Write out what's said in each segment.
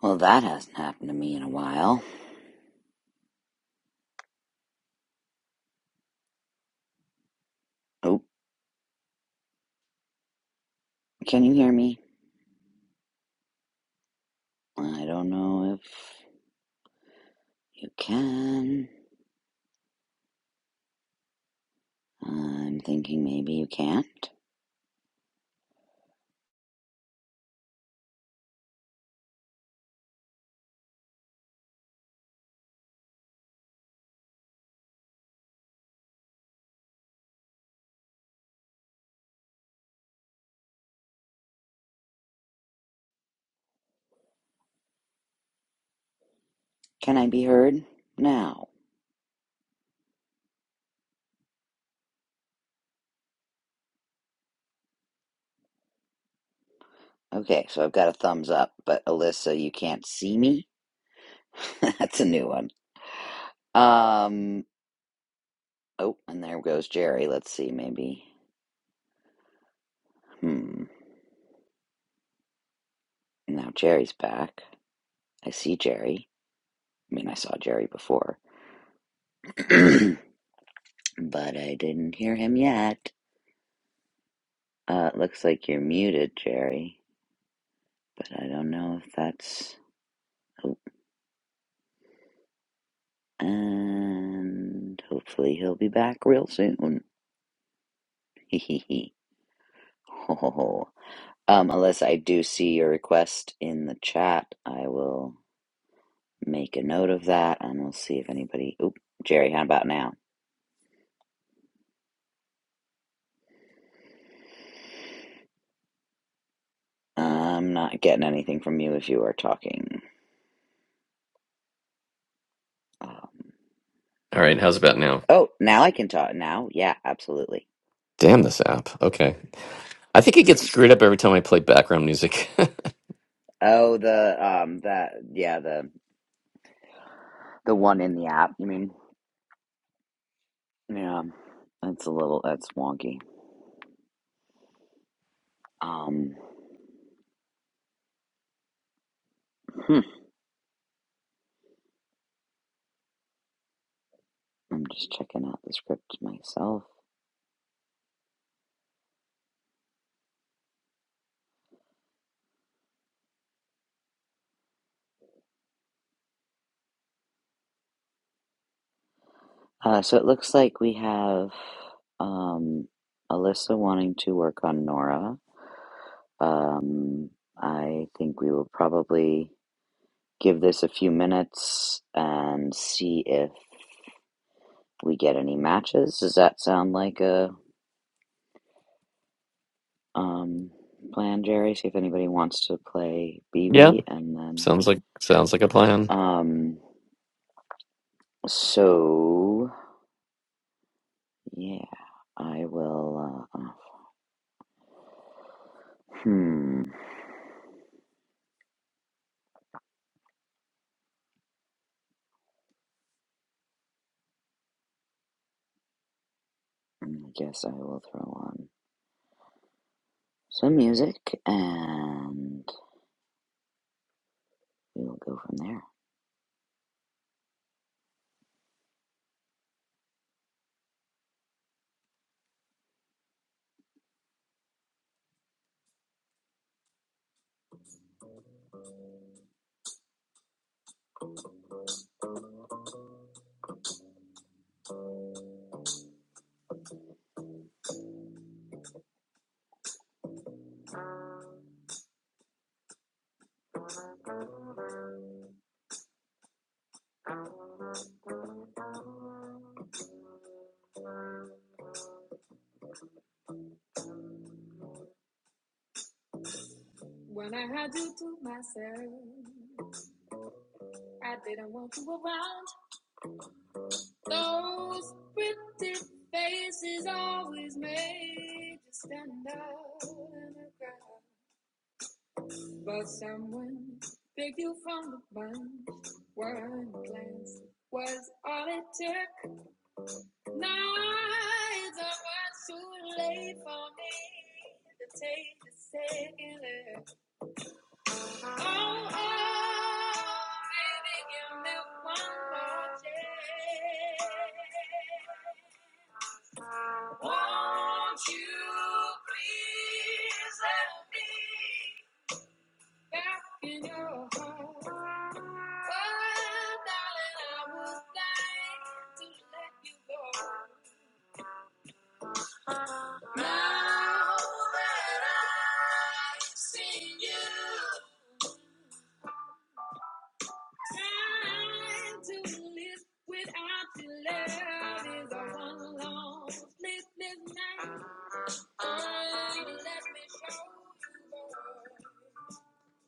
Well, that hasn't happened to me in a while. Oh, can you hear me? I don't know if you can. I'm thinking maybe you can't. Can I be heard now? Okay, so I've got a thumbs up, but Alyssa, you can't see me? That's a new one. Um, oh, and there goes Jerry. Let's see, maybe. Hmm. Now Jerry's back. I see Jerry. I mean, I saw Jerry before, but I didn't hear him yet. Uh, it looks like you're muted, Jerry. but I don't know if that's. Oh, and hopefully he'll be back real soon. Hehehe. Ho Um, unless I do see your request in the chat, I will make a note of that and we'll see if anybody. Oop, Jerry, how about now? I'm not getting anything from you if you are talking. Um, All right, how's about now? oh, now I can talk. Now, yeah, absolutely. Damn this app. Okay. I think it gets screwed up every time I play background music. Oh, the um, that yeah, the the one in the app. You mean, yeah, that's a little that's wonky. Um, hmm, I'm just checking out the script myself. Uh, so it looks like we have um, Alyssa wanting to work on Nora. Um, I think we will probably give this a few minutes and see if we get any matches. Does that sound like a um, plan, Jerry? See if anybody wants to play yeah, BB and then. sounds like sounds like a plan. Um, so, yeah, I will. Uh, Hmm, I guess I will throw on some music and we'll go from there.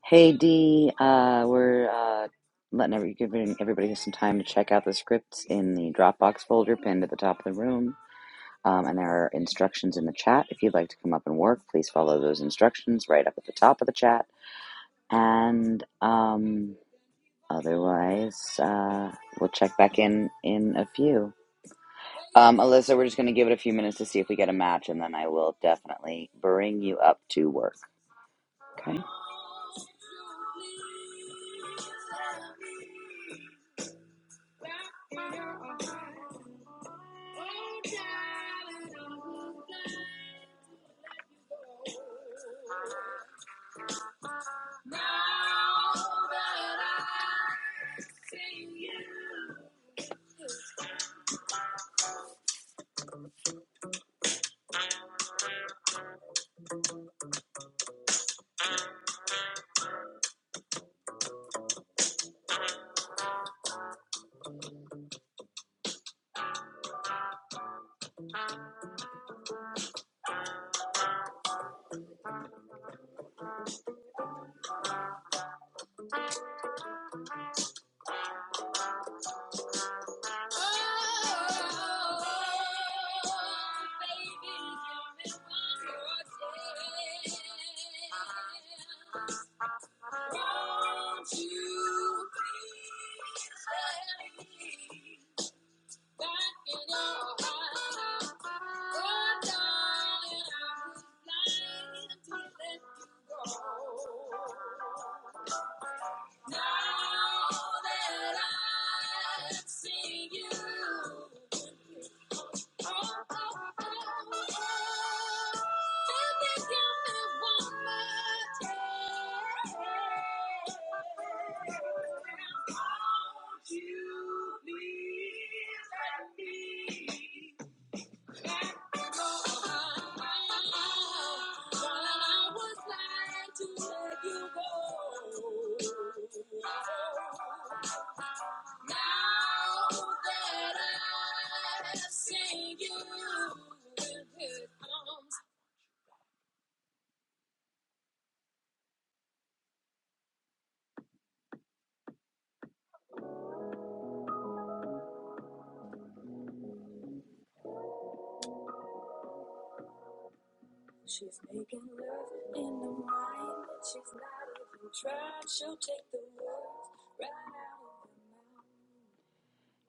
Hey Dee, uh, we're uh, letting every, giving everybody some time to check out the scripts in the Dropbox folder pinned at the top of the room. Um, and there are instructions in the chat. If you'd like to come up and work, please follow those instructions right up at the top of the chat. And um, otherwise, uh, we'll check back in in a few. Um, Alyssa, we're just going to give it a few minutes to see if we get a match, and then I will definitely bring you up to work. Okay.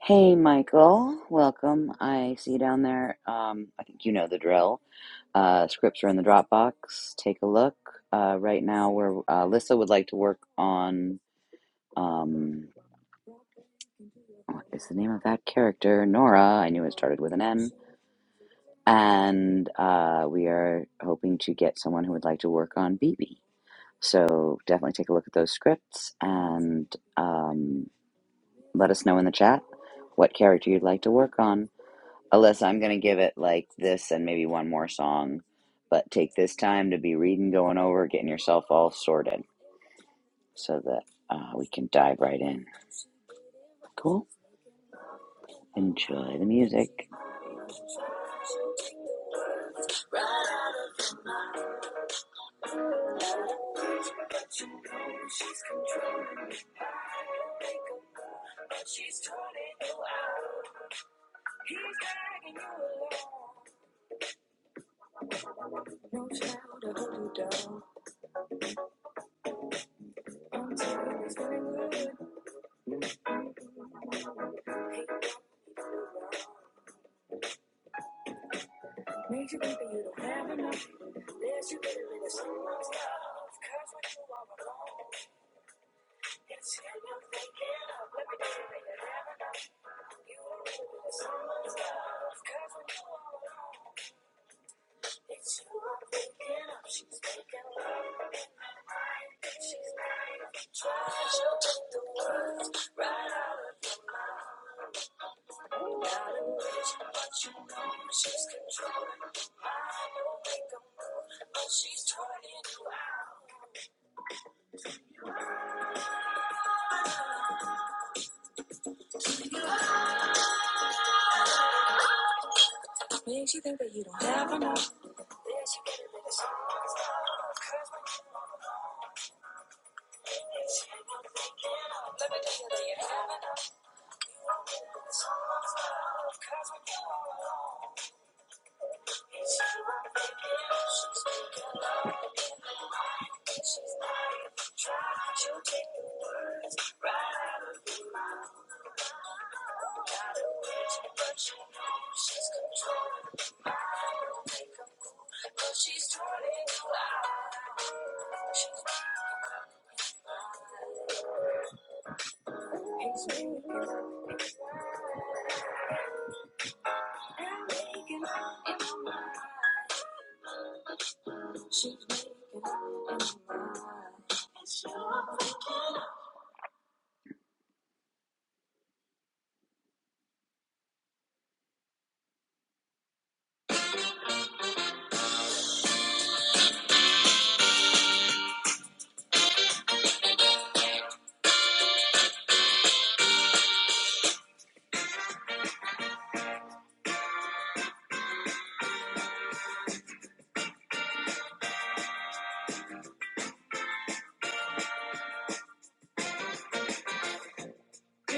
Hey, Michael. Welcome. I see you down there. Um, I think you know the drill. Uh, scripts are in the Dropbox. Take a look. Uh, right now, where uh, Alyssa would like to work on. Um, what is the name of that character? Nora. I knew it started with an M. And uh, we are hoping to get someone who would like to work on BB. So definitely take a look at those scripts and um, let us know in the chat what character you'd like to work on. Alyssa, I'm going to give it like this and maybe one more song, but take this time to be reading, going over, getting yourself all sorted so that uh, we can dive right in. Cool. Enjoy the music.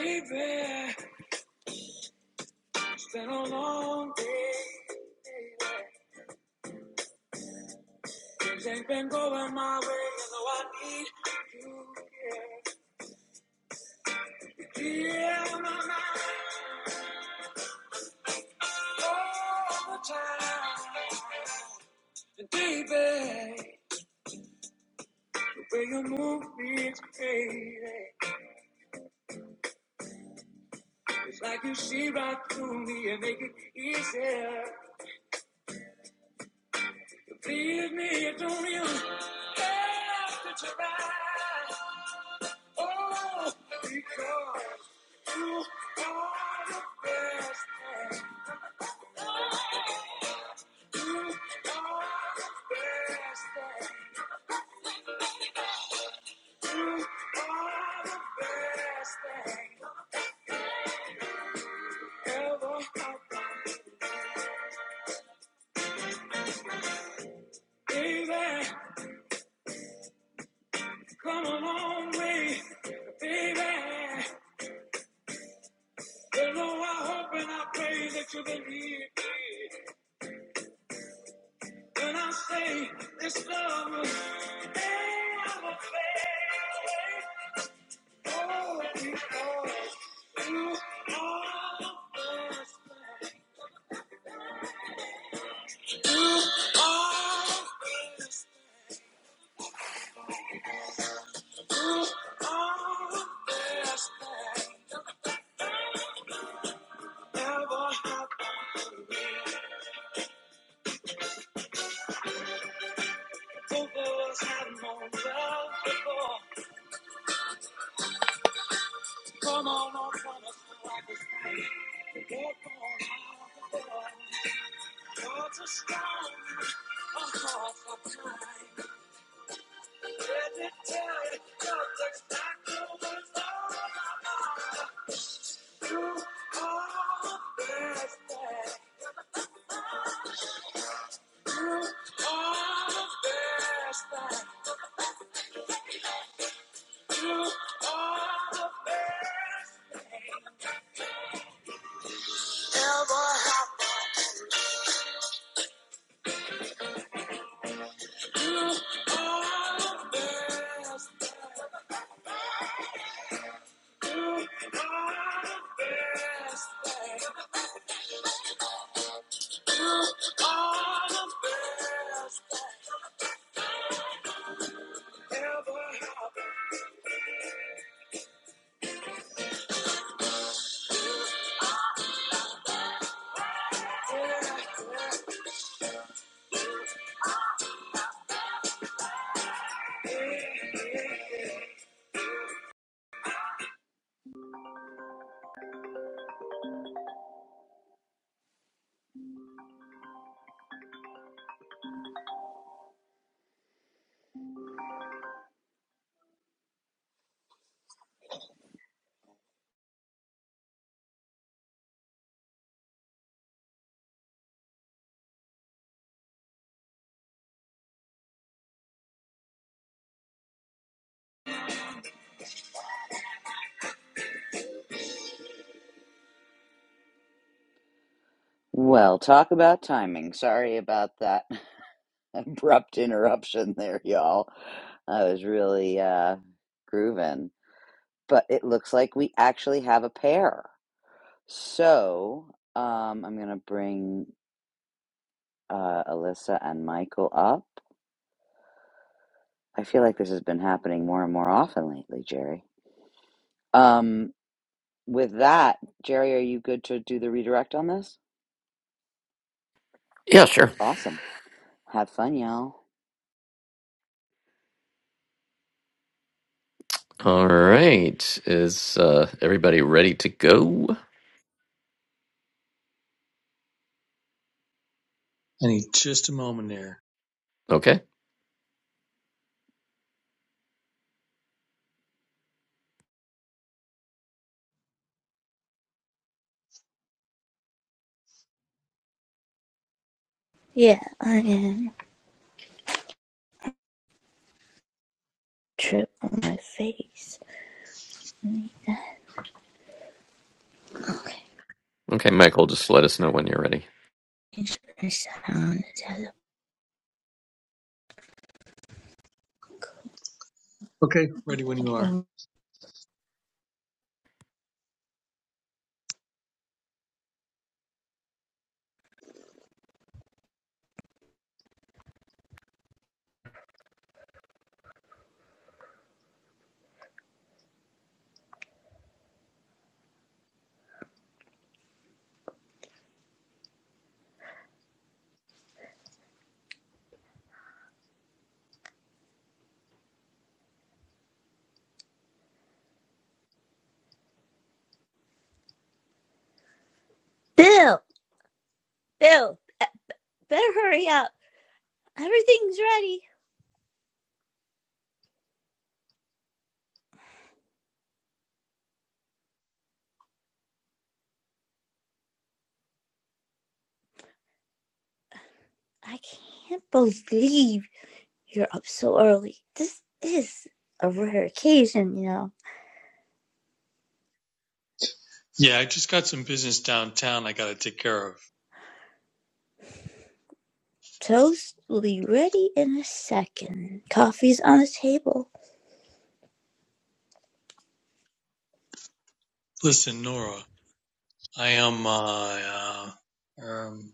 Baby, it's been a long day. Things ain't been going my way, and though I need you, yeah. Yeah, my man. all the time. baby, the way you move me is crazy. It's like you see right through me and make it easier. You please me, you don't even have to try. Oh, because you are the best thing. You are the best thing. You are the best thing ever. Baby, come a long way. Baby, you know I hope and I pray that you believe me. When I say this love will never fade away. Oh, because you are the best. You are the best. You are the best thing that ever happened to me. Two girls had no love before. Come on, no promise, no I was right. The door out the door. Doors are strong. I'm caught for time. Let me tell you, love takes back over the You are the best. You are the best. You are the best. You are the best. Well, talk about timing. Sorry about that abrupt interruption there, y'all. I was really uh, grooving. But it looks like we actually have a pair. So um, I'm going to bring uh, Alyssa and Michael up. I feel like this has been happening more and more often lately, Jerry. Um, with that, Jerry, are you good to do the redirect on this? Yeah, sure. Awesome. Have fun, y'all. All right. Is uh, everybody ready to go? I need just a moment there. Okay. Yeah, I am. Trip on my face. Okay, Okay, Michael, just let us know when you're ready. make sure I sound is Okay, ready when you are. out. Bill, Bill, uh, better hurry up. Everything's ready. I can't believe you're up so early. This is a rare occasion, you know. Yeah, I just got some business downtown I got to take care of. Toast will be ready in a second. Coffee's on the table. Listen, Nora, I am, uh, uh, um,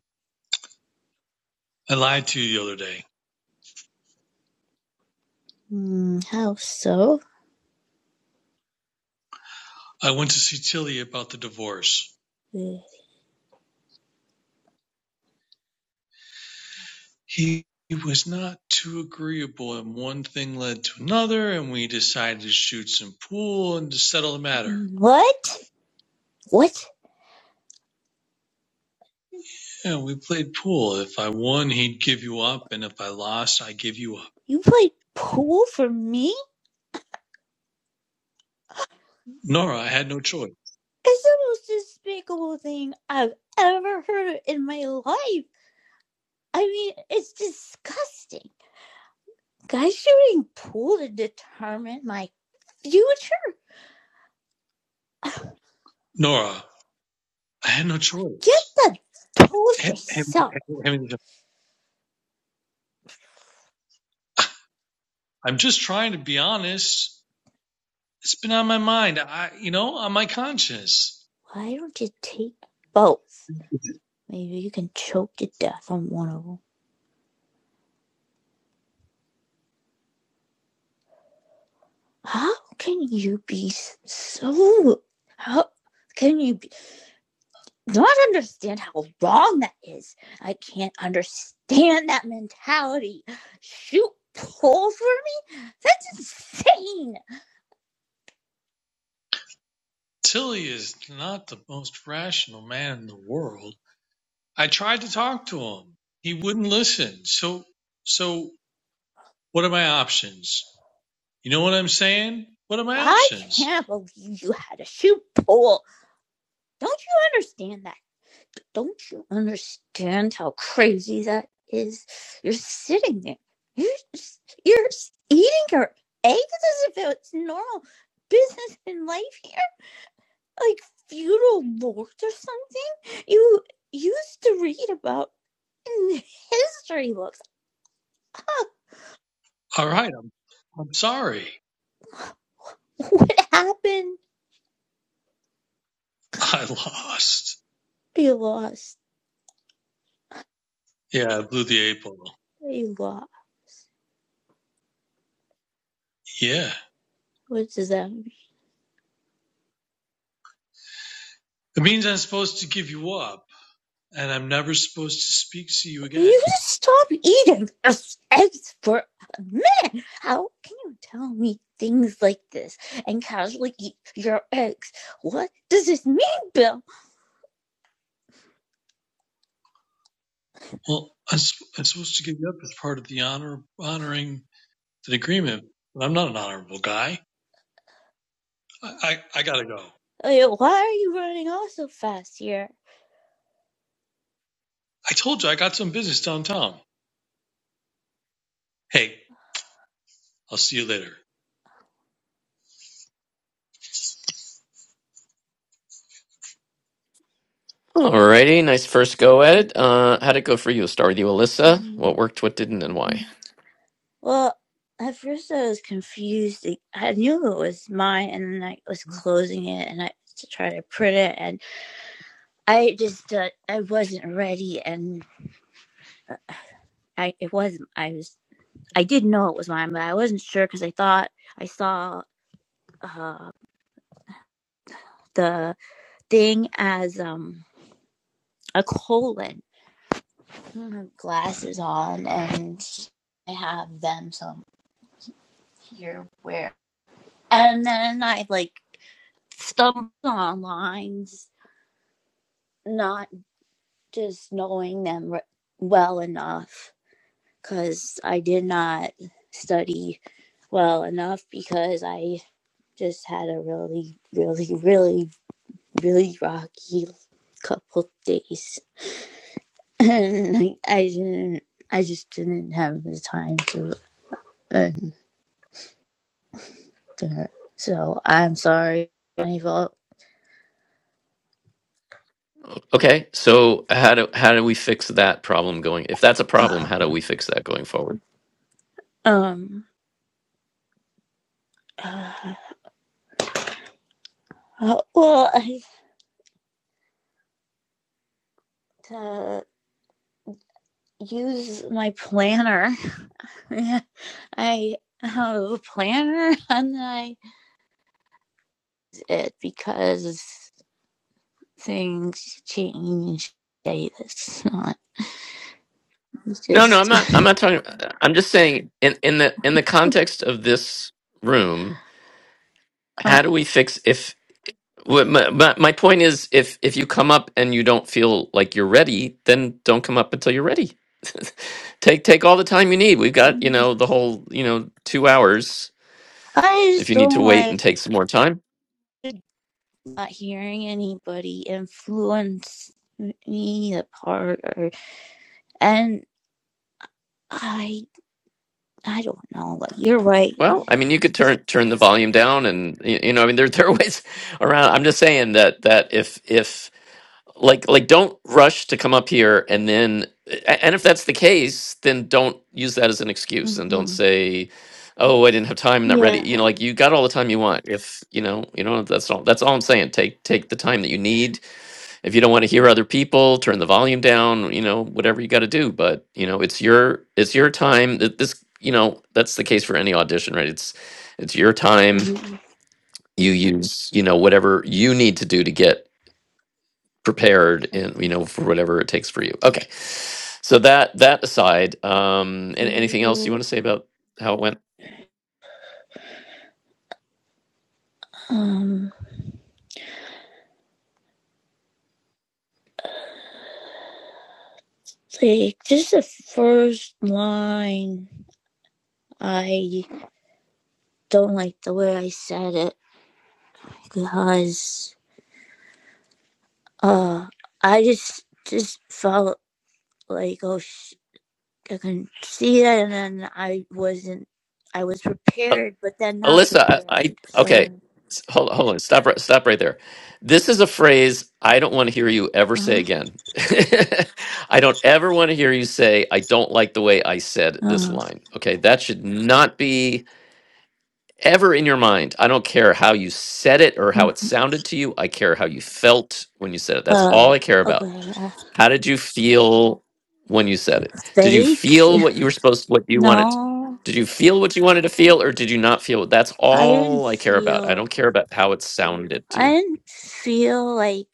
I lied to you the other day. Hmm, how so? I went to see Tilly about the divorce. Hmm, He, he was not too agreeable, and one thing led to another, and we decided to shoot some pool and to settle the matter. What? What? Yeah, we played pool. If I won, he'd give you up, and if I lost, I give you up. You played pool for me? Nora, I had no choice. It's the most despicable thing I've ever heard in my life. I mean, it's disgusting. Guys shooting pool to determine my future? Nora, I had no Get choice. the tools Hey, hey, yourself. hey, I'm just trying to be honest. It's been on my mind. I, you know, on my conscience. Why don't you take both? Maybe you can choke to death on one of them. How can you be so. How can you be not understand how wrong that is. I can't understand that mentality. Shoot pole for me? That's insane. Tilly is not the most rational man in the world. I tried to talk to him. He wouldn't listen. So, so what are my options? You know what I'm saying? What are my I options? can't believe you had a shoot pole. Don't you understand that? Don't you understand how crazy that is? You're sitting there. You're, you're eating your eggs as if it's normal business in life here. like feudal lords or something you used to read about in history books. Oh, All right. I'm, I'm sorry. what happened? I lost. They lost. Yeah. I blew the eight ball. They lost. Yeah. What does that mean? It means I'm supposed to give you up and I'm never supposed to speak to you Will you again. just stop eating eggs for a minute? How can you tell me things like this and casually eat your eggs? What does this mean, Bill? Well, I s- I'm supposed to give it up as part of the honor honoring the agreement, but I'm not an honorable guy. I, I, I gotta go. Like, Why are you running off so fast here? I told you I got some business downtown. Hey, I'll see you later. All righty. nice first go at it. Uh, how'd it go for you? Start with you, Alyssa. Mm, What worked, what didn't, and why? Well, at first I was confused. Like, I knew it was mine, and then I was closing it, and I to try to print it, and I just uh, I wasn't ready, and I it wasn't. I was I did not know it was mine, but I wasn't sure because I thought I saw uh, the thing as um a colon. I have glasses on, and I have them, so I'm here where. And then I like stumbled on lines not. just knowing them well enough because I did not study well enough because I just had a really, really, really, really rocky couple days. And I, I didn't, I just didn't have the time to, and to so I'm sorry, my fault. Okay, so how do how do we fix that problem going? If that's a problem, how do we fix that going forward? Um, uh, well, I uh, use my planner. I have a planner and I use it because things change. Hey, That's not No, no, I'm just. not. I'm not talking. I'm just saying in in the in the context of this room, how um, do we fix if? wh- My, my my point is, if if you come up and you don't feel like you're ready, then don't come up until you're ready. take take all the time you need. We've got you know the whole you know two hours. I If just you need to don't wait like and take some more time, not hearing anybody influence me apart, or and I I don't know. Like you're right. I, well, I mean you could turn turn the volume down, and y- you know I mean there there are ways around. I'm just saying that that if if like like don't rush to come up here and then a- and if that's the case then don't use that as an excuse and don't hmm say oh i didn't have time I'm not ready Yeah. you know like you got all the time you want if you know you know that's all that's all i'm saying take take the time that you need if you don't want to hear other people turn the volume down you know whatever you got to do but you know it's your it's your time Th- this you know that's the case for any audition right it's it's your time Mm-hmm. you use you know whatever you need to do to get prepared in you know for whatever it takes for you okay so that that aside um and anything else you want to say about how it went Um, like just the first line. I don't like the way I said it because uh I just just felt like oh sh- I can see that and then I wasn't I was prepared but then not alyssa prepared i, I okay so s- hold, hold on stop right stop right there this is a phrase i don't want to hear you ever uh say again i don't ever want to hear you say i don't like the way i said huh this line okay that should not be ever in your mind i don't care how you said it or uh how it uh, sounded to you i care how you felt when you said it that's all uh i care about okay uh, How did you feel when you said it? Did you fake feel what you were supposed what you wanted? no Did you feel what you wanted to feel or did you not feel? it? That's I didn't all I care about. I feel don't care about how it sounded to I you. didn't feel like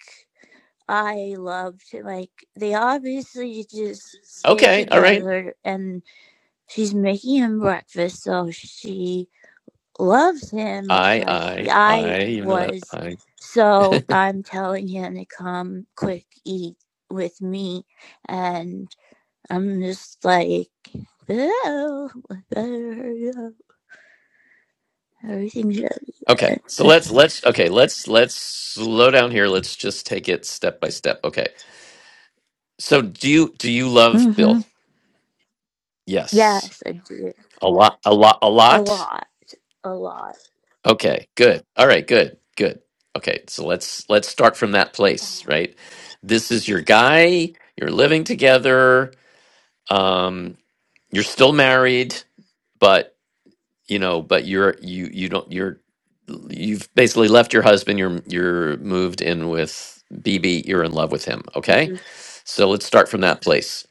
I loved. Like they obviously just stay Okay, all right. together, and She's making him breakfast, so she loves him most I I likely. I I you know that. was, I. so I'm telling him to come quick eat with me, and I'm just like, oh, better hurry up. everything's good. Okay. So let's let's okay, let's let's slow down here. Let's just take it step by step. Okay. So do you do you love Mm-hmm. Bill? Yes. Yes, I do A lot a lot a a lot? lot, a lot. Okay. Good. All right, good. Good. Okay. So let's let's start from that place, Oh, right? This is your guy. You're living together. um you're still married but you know but you're you you don't you're you've basically left your husband you're you're moved in with bb you're in love with him this is. okay so let's start from that place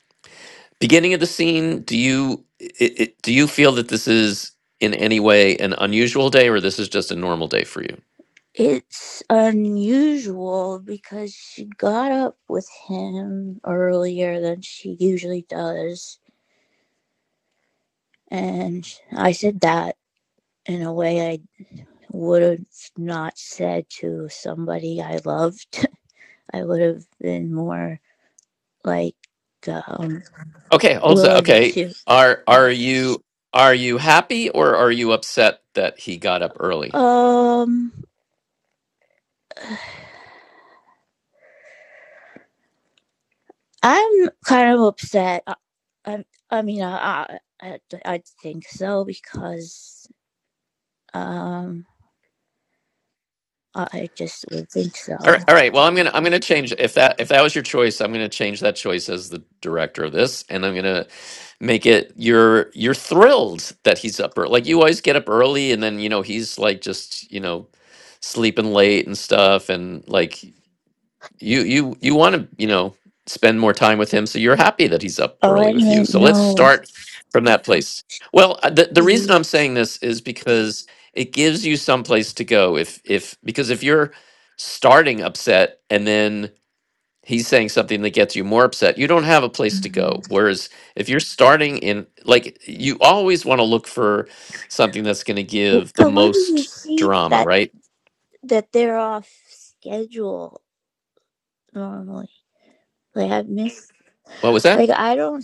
beginning of the scene do you it, it, do you feel that this is in any way an unusual day or this is just a normal day for you It's unusual because she got up with him earlier than she usually does. And I said that in a way I would have not said to somebody I loved. I would have been more like um, okay hold on willing okay to. are are you are you happy or are you upset that he got up early Um, I'm kind of upset. I, I, I mean, I, I, I think so because. um. I just would think so. All right, all right. Well, I'm gonna I'm gonna change if that if that was your choice, I'm gonna change that choice as the director of this, and I'm gonna make it you're you're thrilled that he's up early. Like you always get up early, and then you know he's like just you know sleeping late and stuff, and like you you you want to you know spend more time with him so you're happy that he's up Oh, early I with you didn't so let's know. start from that place well uh, the, the reason Mm. i'm saying this is because it gives you some place to go if if because if you're starting upset and then he's saying something that gets you more upset you don't have a place to go whereas if you're starting in like you always want to look for something that's going to give the But where do you most see drama that right that they're off schedule normally? Like I've missed. what was that Like I don't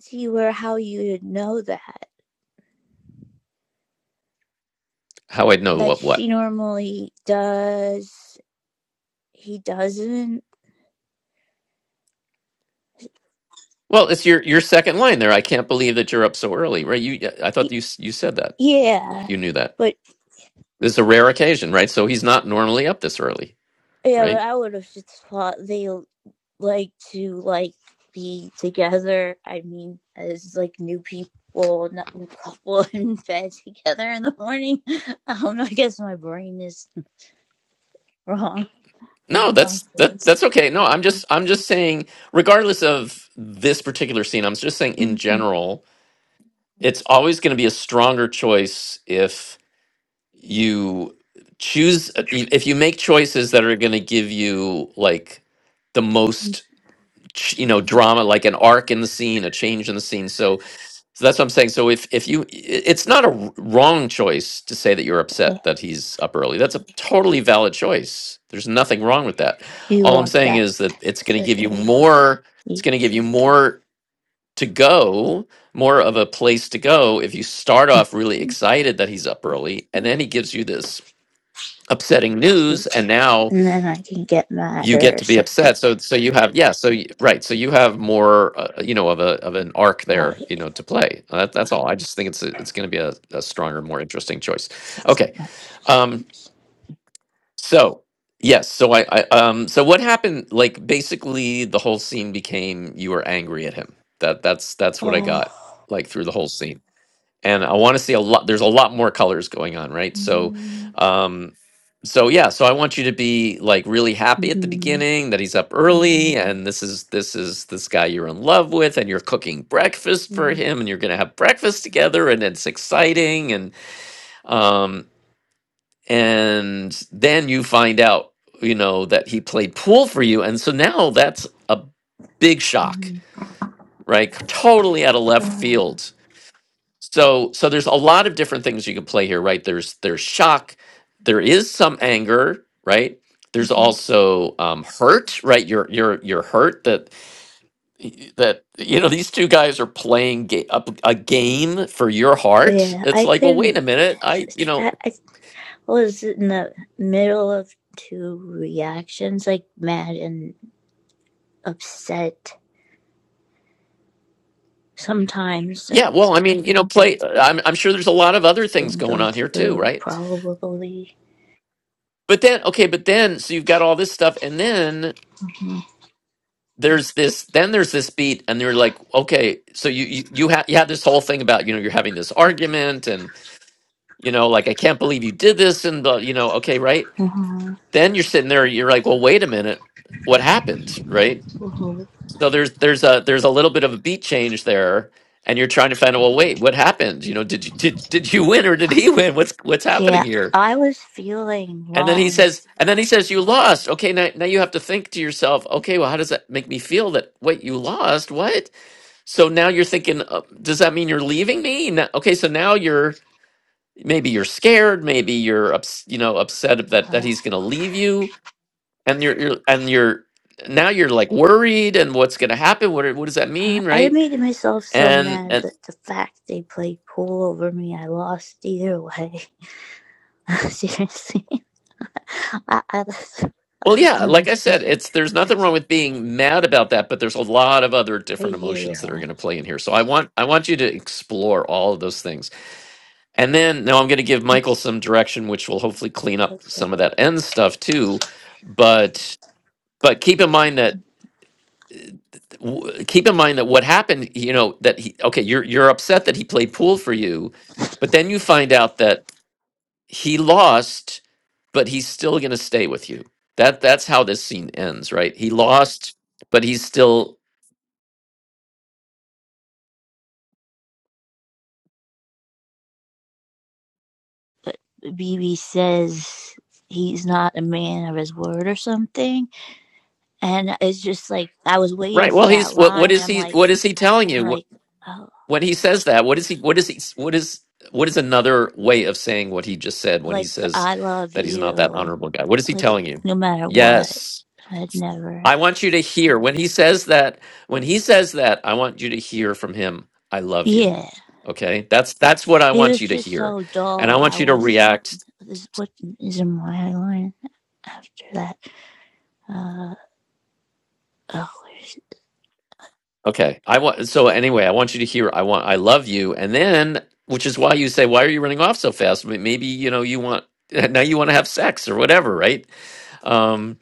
see where how you'd know that how i know that what what she normally does. He doesn't. Well, it's your your second line there. I can't believe that you're up so early, right? You, I thought you you said that. Yeah, You knew that. but This is a rare occasion, right? So he's not normally up this early, yeah, but right? I would have just thought they. like to like be together. I mean, as like new people, not new couple in bed together in the morning. I I guess my brain is wrong in the No, wrong that's that place. that's okay. No, I'm just I'm just saying, regardless of this particular scene, I'm just saying in general, it's always going to be a stronger choice if. you choose uh, y- if you make choices that are going to give you like the most ch- you know drama like an arc in the scene a change in the scene so so that's what i'm saying so if if you i- it's not a w- wrong choice to say that you're upset that he's up early that's a totally valid choice there's nothing wrong with that you all i'm want saying that is that it's going to for give you the more it's going to give you more to go more of a place to go if you start off really excited that he's up early and then he gives you this upsetting and news and now then I can get mad you get or to be say upset so so you have yeah so y- right so you have more uh, you know of a of an arc why there you know to play Uh, that, that's all i just think it's a, it's going to be a, a stronger more interesting choice that's okay um narcissism. so yes so I, I um so what happened like basically the whole scene became you were angry at him that that's that's what i got Oh. like through the whole scene and I want to see a lot. There's a lot more colors going on, right? So, Mm, um, so yeah. So I want you to be like really happy at the mhm, beginning that he's up early, and this is this is this guy you're in love with, and you're cooking breakfast for mhm, him, and you're gonna have breakfast together, and it's exciting, and um, and then you find out, you know, that he played pool for you, and so now that's a big shock, mhm. right? Totally out of left Ah. field so so there's a lot of different things you can play here, right? There's there's shock, there is some anger, right? There's Mhm. also um, hurt, right? You're you're you're hurt that y- that you know these two guys are playing ga- up a game for your heart. Yeah, It's I like, well, couldn't. wait a minute, I you know I was in the middle of two reactions, like mad and upset. Sometimes that yeah, well, I mean you know play. I'm I'm sure there's a lot of other things didn't going go on here too, through, right? probably. But then okay, but then so you've got all this stuff, and then Mhm. there's this then there's this beat and they're like okay so you you you, ha- you had this whole thing about you know you're having this argument and you know like i can't believe you did this and the you know okay right Mhm. then you're sitting there you're like well wait a minute what happened right so there's there's a there's a little bit of a beat change there and you're trying to find out well wait what happened you know did you did, did you win or did he win what's what's happening Yeah, here I was feeling and then he wrong. says and then he says you lost okay now, now you have to think to yourself okay well how does that make me feel that wait you lost what So now you're thinking, uh, does that mean you're leaving me? No- Okay, so now you're maybe you're scared, maybe you're ups, you know upset that that Uh, he's going to leave you, and you're, you're and you're now you're like worried and what's going to happen? What are- what does that mean, I right? made myself so And mad and that the fact they played pool over me, I lost either way. Seriously, I, I, was, I well, was yeah, like I thinking, said, it's there's nothing wrong with being mad about that, but there's a lot of other like, different emotions that are yeah, going to play in here. So I want I want you to explore all of those things And then now I'm going to give Michael some direction, which will hopefully clean up some of okay. that end stuff too. But but keep in mind that w- keep in mind that what happened, you know, that he okay, you're you're upset that he played pool for you, but then you find out that he lost, but he's still going to stay with you. That that's how this scene ends, right? He lost, but he's still BB says he's not a man of his word or something. And it's just like I was waiting right. for Well, he's that what what line and is I'm he like what is he telling I'm you? like oh when he says that, what is he? What is he? What is what is another way of saying what he just said when he like says I love that he's not that you. honorable guy? What is he Like telling you? no matter what. Yes, I'd never I want you to hear when he says that. When he says that, I want you to hear from him. I love you. Yeah. Okay, that's that's what I It want was you to just hear, so and I dull. I want you to was react. this what is in my line after that. Uh oh where's it? Okay, I want. So anyway, I want you to hear. I want. I love you, and then which is why you say, why are you running off so fast? Maybe you know you want now you want to have sex or whatever, right? Um,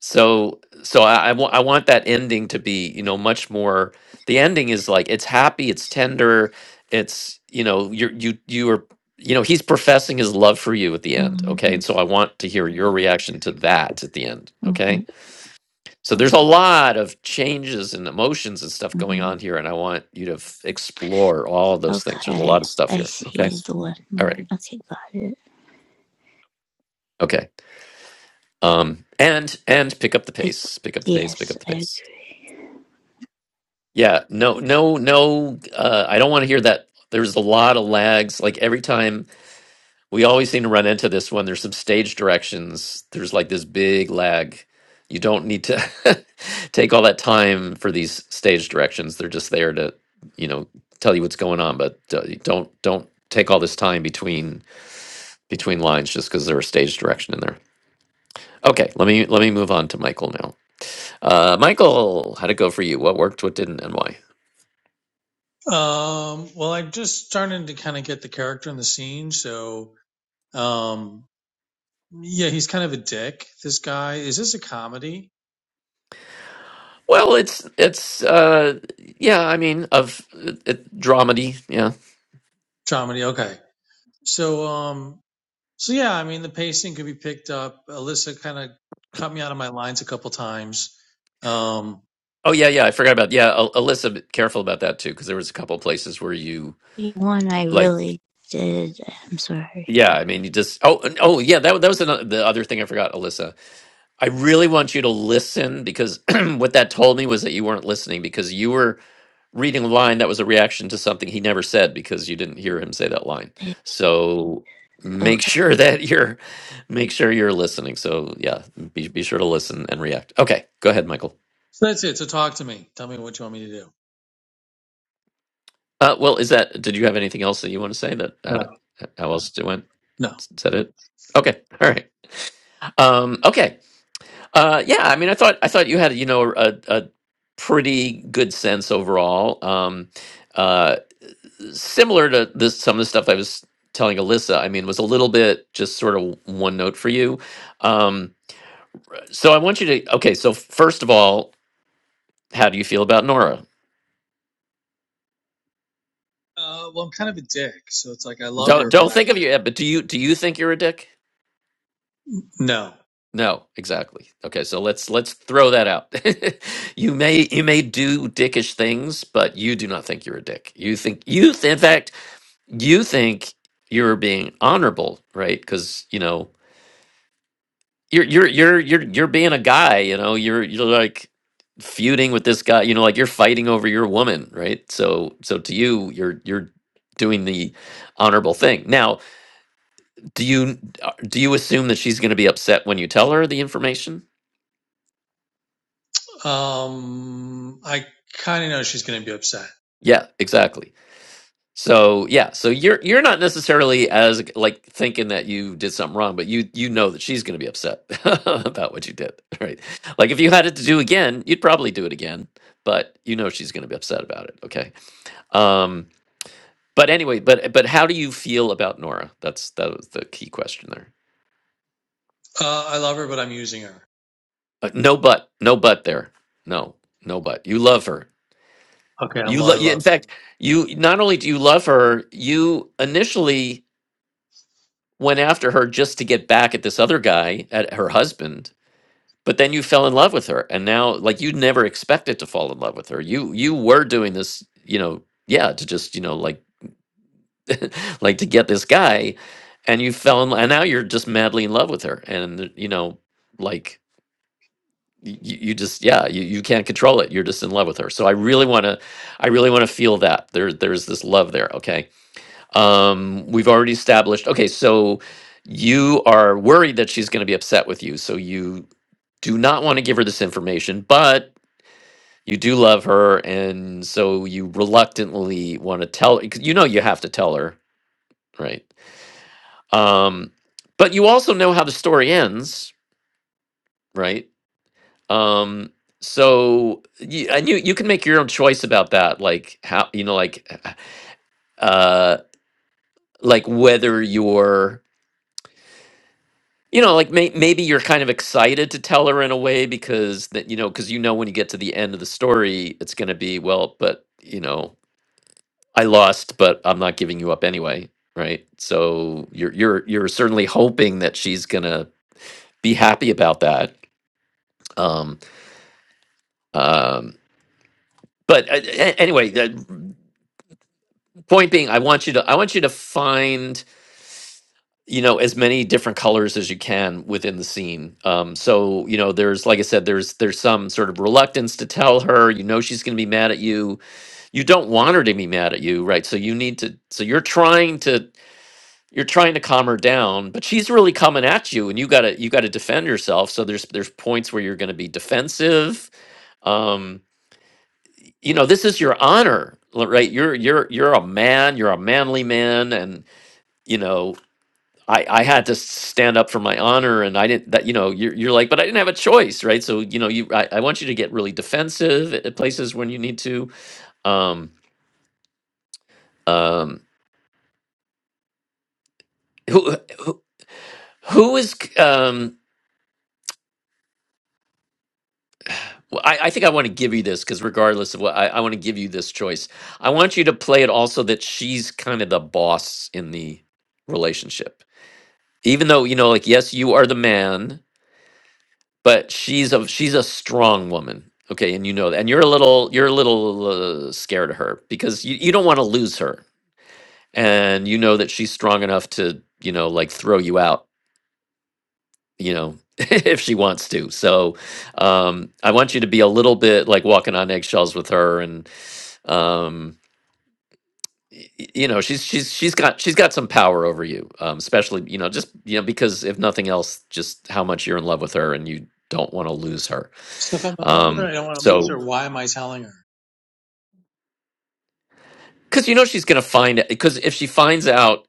So so I, I want I want that ending to be, you know, much more the ending is like it's happy, it's tender, it's you know, you're you you are you know, he's professing his love for you at the end. Okay. mm-hmm, And so I want to hear your reaction to that at the end. mm-hmm, Okay. So there's a lot of changes and emotions and stuff going mm-hmm. on here. And I want you to f- explore all of those things. There's a lot okay. of stuff I here. see Okay. the one All line. right. Okay, got it. Okay. Um, and, and pick up the Pick, pace, pick up the pace, pick yes, up the I pace. agree. Yeah, no, no, no. Uh, I don't want to hear that. There's a lot of lags. Like every time, we always seem to run into this one. There's some stage directions. There's like this big lag. You don't need to take all that time for these stage directions. They're just there to, you know, tell you what's going on. But uh, you don't don't take all this time between between lines just because there's a stage direction in there. Okay, let me let me move on to Michael now. Uh, Michael, how'd it go for you? What worked? What didn't? And why? Um, well, I'm just starting to kind of get the character in the scene, so um, yeah, he's kind of a dick. This guy is this a comedy? Well, it's it's uh yeah, I mean of it, it, dramedy, yeah. Comedy, okay. So um, so yeah, I mean the pacing could be picked up. Alyssa kind of cut me out of my lines a couple times. Um, Oh yeah, yeah, I forgot about yeah, Al- Alyssa be careful about that too because there was a couple places where you One I like really did. I'm sorry. yeah, I mean you just oh and- oh yeah, that that was another, the other thing I forgot, Alyssa. I really want you to listen because what that told me was that you weren't listening because you were reading a line that was a reaction to something he never said because you didn't hear him say that line. Like, So make Okay. sure that you're make sure you're listening. So yeah, be be sure to listen and react. Okay, go ahead, Michael. So that's it. So talk to me. Tell me what you want me to do. Uh, well, is that did you have anything else that you want to say that how, No. how else it went? No. S- Said it. Okay, all right. Um, okay, uh, yeah. I mean, I thought I thought you had you know a, a pretty good sense overall. Um, uh, similar to this some of the stuff I was telling Alyssa, I mean, was a little bit just sort of one note for you. Um, so I want you to okay. So first of all, how do you feel about Nora? Uh, well, I'm kind of a dick, so it's like I love Don't her, but don't I think of you, yeah, but do you do you think you're a dick? no. No, exactly. Okay, so let's let's throw that out. you may you may do dickish things, but you do not think you're a dick. You think you th- in fact you think you're being honorable, right? Because you know you're you're you're you're you're being a guy, you know. You're you're like feuding with this guy, you know, like you're fighting over your woman, right? So so to you, you're you're doing the honorable thing. Now, do you uh, do you assume that she's going to be upset when you tell her the information? Um, I kind of know she's going to be upset. Yeah, exactly. So yeah, so you're you're not necessarily as like thinking that you did something wrong, but you you know that she's going to be upset about what you did, right? Like if you had it to do again, you'd probably do it again, but you know she's going to be upset about it, okay? Um, but anyway, but but how do you feel about Nora? That's that was the key question there. Uh, I love her, but I'm using her. Uh, no but, no but there. No, no but. You love her. Okay, I'm You lo- I you, in love her. fact, you not only do you love her, you initially went after her just to get back at this other guy, at her husband, but then you fell in love with her. And now like you never expected to fall in love with her. You you were doing this, you know, yeah, to just, you know, like like to get this guy and you fell in love, and now you're just madly in love with her and you know like you, you just yeah you, you can't control it you're just in love with her so i really want to i really want to feel that there there's this love there okay um we've already established okay so you are worried that she's going to be upset with you so you do not want to give her this information but you do love her and so you reluctantly want to tell 'cause you know you have to tell her right Um, but you also know how the story ends, right? Um, so you, and you you can make your own choice about that, like how you know, like uh, like whether you're you know, like may, maybe you're kind of excited to tell her in a way because that you know, because you know when you get to the end of the story, it's going to be well, but you know, I lost, but I'm not giving you up anyway, right? So you're you're you're certainly hoping that she's going to be happy about that. Um, um but uh, a- anyway the point being i want you to i want you to find you know as many different colors as you can within the scene um so you know there's like i said there's there's some sort of reluctance to tell her you know she's going to be mad at you you don't want her to be mad at you right so you need to so you're trying to you're trying to calm her down but she's really coming at you and you got to you got to defend yourself so there's there's points where you're going to be defensive um you know this is your honor right you're you're you're a man you're a manly man and you know i i had to stand up for my honor and i didn't that you know you're, you're like but i didn't have a choice right so you know you I, I want you to get really defensive at at places when you need to um um who who, who is c- um well, I, I think I want to give you this because regardless of what I, I want to give you this choice, I want you to play it also that she's kind of the boss in the relationship even though you know like yes you are the man but she's a she's a strong woman okay and you know that and you're a little you're a little uh, scared of her because you, you don't want to lose her and you know that she's strong enough to you know like throw you out you know if she wants to so um i want you to be a little bit like walking on eggshells with her and um y- y- you know she's she's she's got she's got some power over you um especially you know just you know because if nothing else just how much you're in love with her and you don't want to lose her So if I'm in love with her, um I don't want to lose so her. Why am I telling her? because you know she's gonna find it, because if she finds out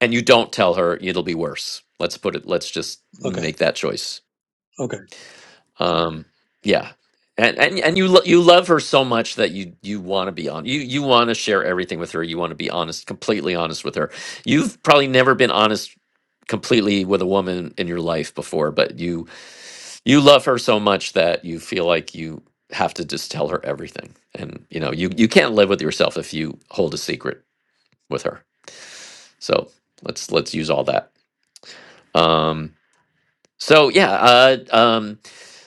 and you don't tell her it'll be worse let's put it let's just Okay, make that choice okay. Um, yeah, and and and you lo- you love her so much that you you want to be on you you want to share everything with her. You want to be honest, completely honest with her. You've probably never been honest completely with a woman in your life before, but you you love her so much that you feel like you have to just tell her everything. And you know you you can't live with yourself if you hold a secret with her. So let's let's use all that. Um, so yeah, uh, um,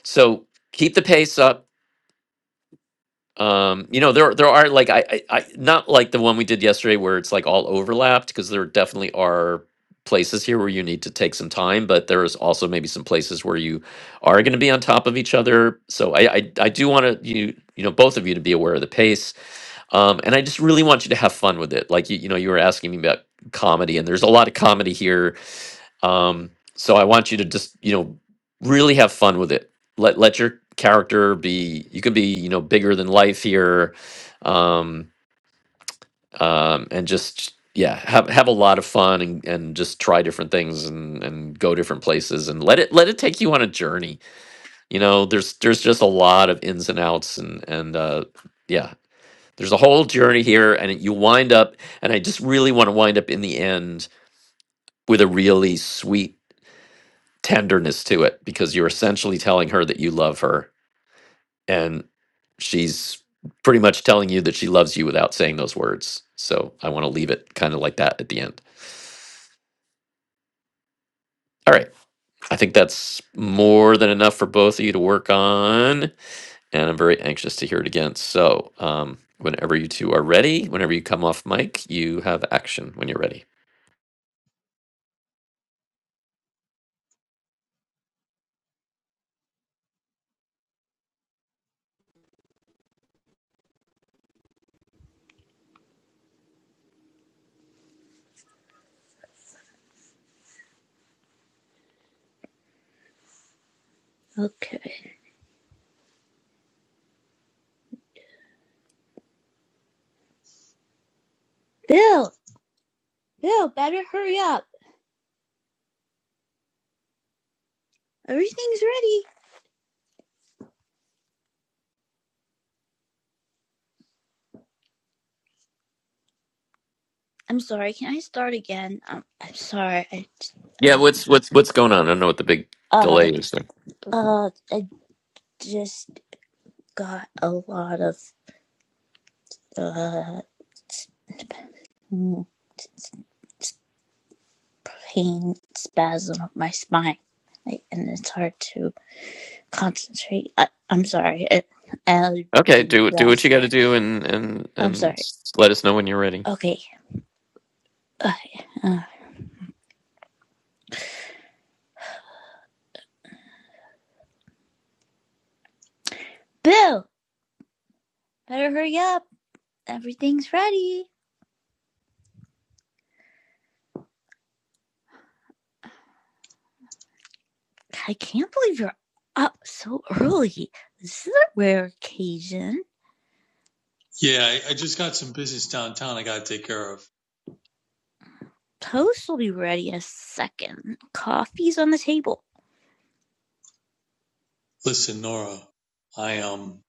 so keep the pace up Um, you know, there there are like I, I I not like the one we did yesterday where it's like all overlapped because there definitely are places here where you need to take some time, but there is also maybe some places where you are going to be on top of each other. So I I, I do want to you you know both of you to be aware of the pace, um, and I just really want you to have fun with it. Like you you know you were asking me about comedy, and there's a lot of comedy here um, so I want you to just, you know, really have fun with it. Let let your character be. You can be, you know, bigger than life here, um, um, and just yeah, have have a lot of fun and, and just try different things and and go different places and let it let it take you on a journey. You know, there's there's just a lot of ins and outs and and uh, yeah, there's a whole journey here, and you wind up, and I just really want to wind up in the end with a really sweet tenderness to it because you're essentially telling her that you love her and she's pretty much telling you that she loves you without saying those words. So I want to leave it kind of like that at the end. All right. I think that's more than enough for both of you to work on. And I'm very anxious to hear it again. So, um, whenever you two are ready, whenever you come off mic, you have action when you're ready. Okay. Bill! Bill, better hurry up. Everything's ready. I'm sorry. Can I start again? Um, I'm sorry. I, j- Yeah, uh, what's what's what's going on? I don't know what the big uh, delay is there. uh, I just got a lot of uh, mm, pain spasm up my spine. I, and it's hard to concentrate. I, I'm sorry. I, I'll Okay, do my do do what you best. got to do, and and I'm and sorry. s- let us know when you're ready. Okay. okay. Uh, Bill, better hurry up. Everything's ready. I can't believe you're up so early. This is a rare occasion. Yeah, I, I just got some business downtown. I got to take care of. Toast will be ready in a second. Coffee's on the table. Listen, Nora, I um,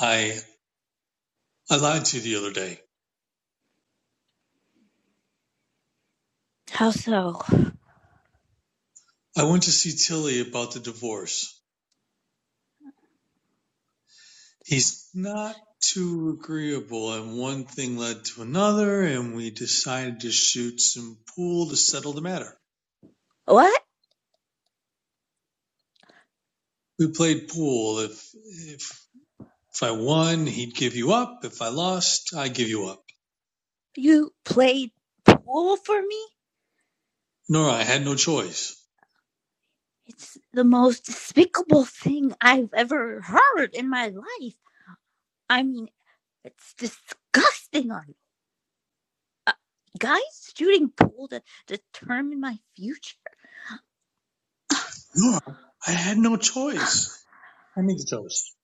I I lied to you the other day. How so? I went to see Tilly about the divorce. he's not too agreeable and one thing led to another and we decided to shoot some pool to settle the matter What? we played pool if if if i won he'd give you up if i lost i give you up You played pool for me? nora i had no choice It's the most despicable thing I've ever heard in my life. I mean, it's disgusting on you. Uh, guys shooting pool to determine my future? nora i had no choice i made the toast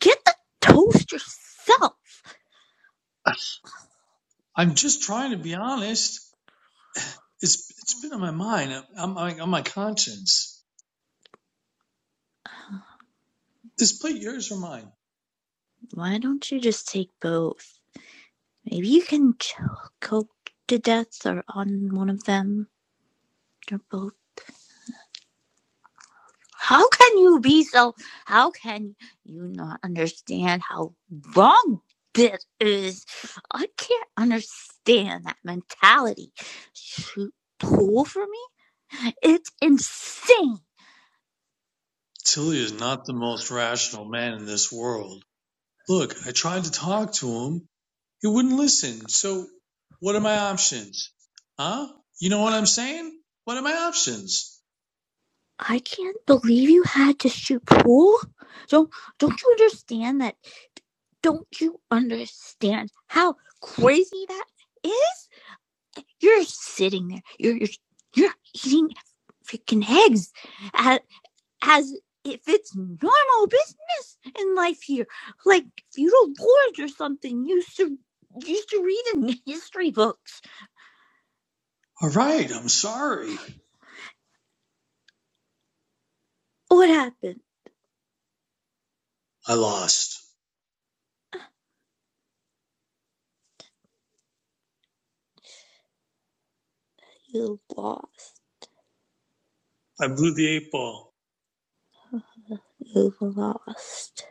Get the toast yourself. i'm just trying to be honest it's it's been on my mind i'm I'm- on my conscience this plate yours or mine Why don't you just take both? Maybe you can choke to death or on one of them or both. How can you be so? How can you not understand how wrong this is? I can't understand that mentality. Shoot pool for me? It's insane. tilly is not the most rational man in this world Look, I tried to talk to him. He wouldn't listen. So what are my options? Huh? You know what I'm saying? What are my options? I can't believe you had to shoot pool. Don't don't you understand that Don't you understand how crazy that is? You're sitting there. You're you're you're eating freaking eggs as, as if it's normal business in life here, like feudal lords or something. You used to used to read in history books. All right, I'm sorry. What happened? I lost. You lost. I blew the eight ball. You lost.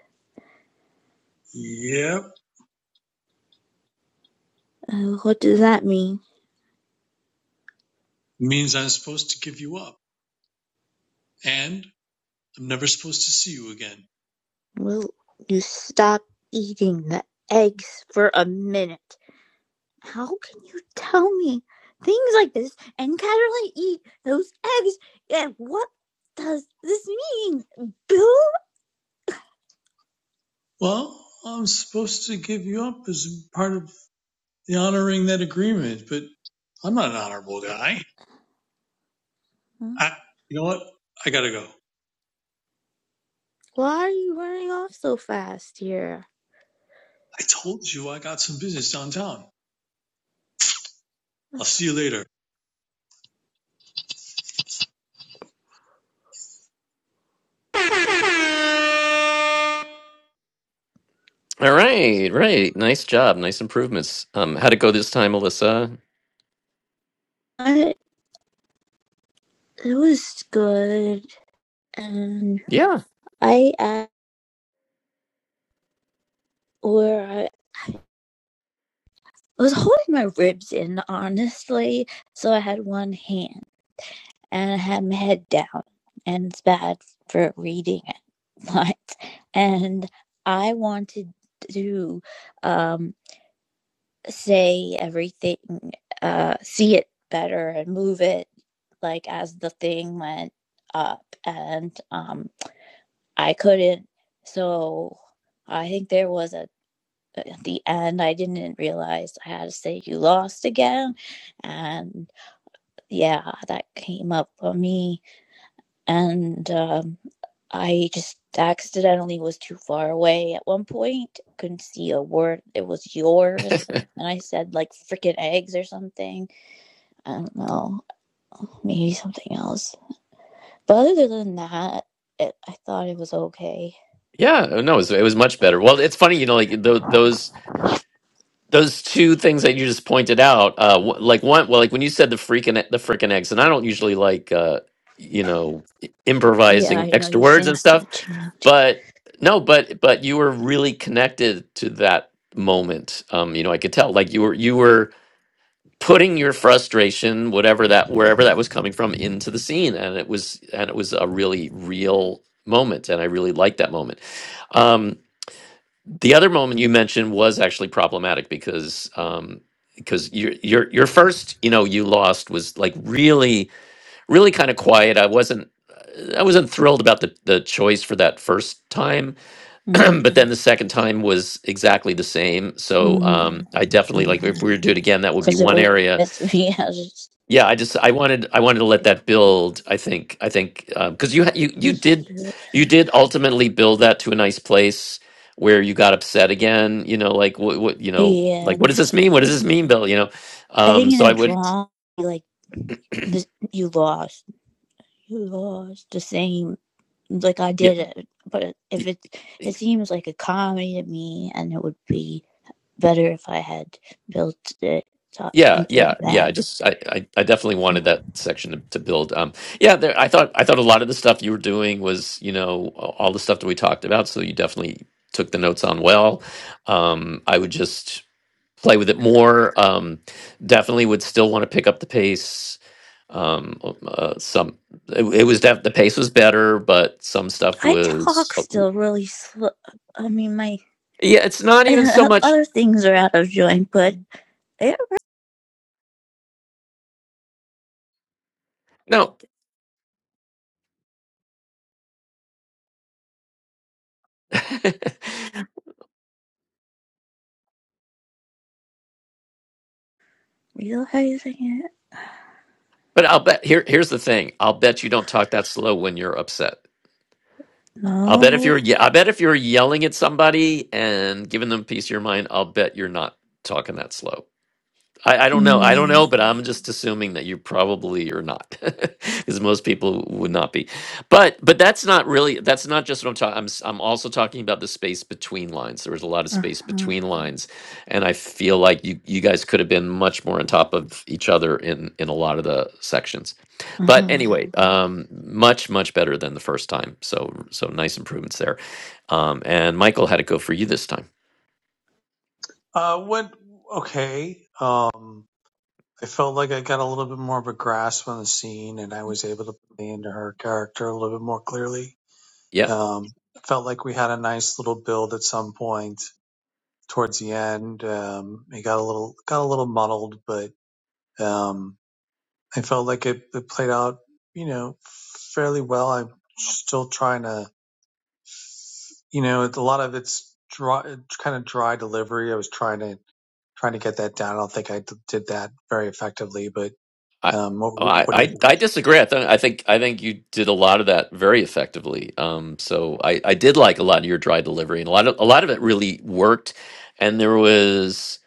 Yep. Uh, what does that mean? It Means I'm supposed to give you up. And I'm never supposed to see you again. Well, you stop eating the eggs for a minute. how can you tell me things like this and casually eat those eggs? And what does this mean, Bill? Well, I'm supposed to give you up as part of the honoring that agreement, but I'm not an honorable guy. I, you know what? I gotta go. Why are you running off so fast here? I told you I got some business downtown. I'll see you later. All right, right. Nice job. Nice improvements. Um, how'd it go this time, Alyssa? I, it was good, and Yeah, I at where I, I was holding my ribs in, honestly, so I had one hand. and I had my head down, and it's bad for reading it. But and I wanted to um, say everything, uh, see it better, and move it like as the thing went up, and um, I couldn't. So I think there was a at the end I didn't realize I had to say you lost again, and yeah, that came up for me and um, I just accidentally was too far away at one point. Couldn't see a word. It was yours. And I said like freaking eggs or something. I don't know. Maybe something else. But other than that, it, I thought it was okay. yeah. No, it was, it was much better. Well, it's funny, you know, like tho- those. those two things that you just pointed out uh wh- like one well like when you said the freaking the freaking eggs and i don't usually like uh you know i- Yeah, improvising I know extra you say words and not stuff to change. but no but but you were really connected to that moment um you know i could tell like you were you were putting your frustration whatever that wherever that was coming from into the scene and it was and it was a really real moment and i really liked that moment Um, the other moment you mentioned was actually problematic because um, because your your your first you know you lost was like really really kind of quiet. I wasn't I wasn't thrilled about the the choice for that first time, Mm-hmm. but then the second time was exactly the same. So mm-hmm. um, I definitely like if mm-hmm. we were to do it again, that would be Cause it one was area me. I was yeah, I just I wanted I wanted to let that just. build. I think I think because you ha- you you did Yeah. you did ultimately build that to a nice place where you got upset again. You know, like what what you know, like what And does this mean? What does this mean, Bill? You know, I um. think in So I a would drama, like, you lost. you lost the same like I yeah did it, but if y- it y- it seems like a comedy to me, and it would be better if I had built it to, yeah into yeah yeah. that. I just I I, I definitely wanted that section to, to build. Um. Yeah, there, I thought I thought a lot of the stuff you were doing was you know a- all the stuff that we talked about. So you definitely took the notes on well. Um. I would just. play with it more. Um, definitely would still want to pick up the pace. Um, uh, some it, it was def- the pace was better, but some stuff I talk was still really slow. I mean, my yeah. It's not even so much other things are out of joint, but I don't no. it. but I'll bet here. Here's the thing. I'll bet you don't talk that slow when you're upset. I'll bet if you're No, ye- I bet if you're yelling at somebody and giving them a piece of your mind, I'll bet you're not talking that slow. I, I don't know. I don't know, no. but I'm just assuming that you probably are not, because most people would not be. But but that's not really. That's not just what I'm talking. I'm s- I'm also talking about the space between lines. There was a lot of Uh space huh. between lines, and I feel like you you guys could have been much more on top of each other in in a lot of the sections. Uh But huh. anyway, um, much much better than the first time. So so nice improvements there. Um, and Michael, had it go for you this time? Uh, what? Okay. Um, I felt like I got a little bit more of a grasp on the scene, and I was able to play into her character a little bit more clearly. Yep. Um, felt like we had a nice little build at some point towards the end. Um, it got a little got a little muddled, but um, I felt like it, it played out, you know, fairly well. I'm still trying to, you know, a lot of it's dry, kind of dry delivery. I was trying to trying to get that down. I don't think I d- did that very effectively, but I um, what, I what do you I think? I disagree. I, th- I think I think you did a lot of that very effectively. Um, so I, I did like a lot of your dry delivery, and a lot of a lot of it really worked. And there was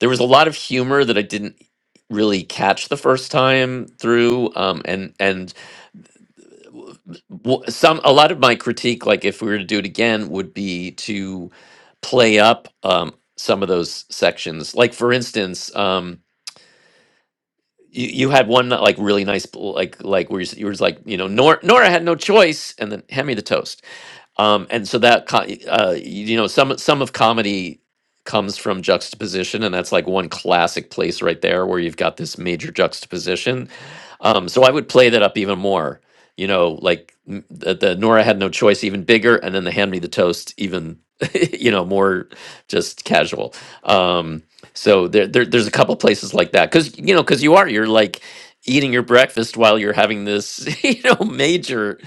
there was a lot of humor that I didn't really catch the first time through. Um, and and w- some a lot of my critique, like if we were to do it again, would be to play up um, some of those sections. Like for instance. Um, you, you had one like really nice like like where you, s- you were just like you know Nora, Nora had no choice and then hand me the toast um and so that co- uh y- you know some some of comedy comes from juxtaposition and that's like one classic place right there where you've got this major juxtaposition um, so I would play that up even more. You know, like m- the, the Nora had no choice, even bigger, and then the Hand Me the Toast, even you know more just casual. Um, so there, there, there's a couple places like that because you know because you are you're like eating your breakfast while you're having this you know major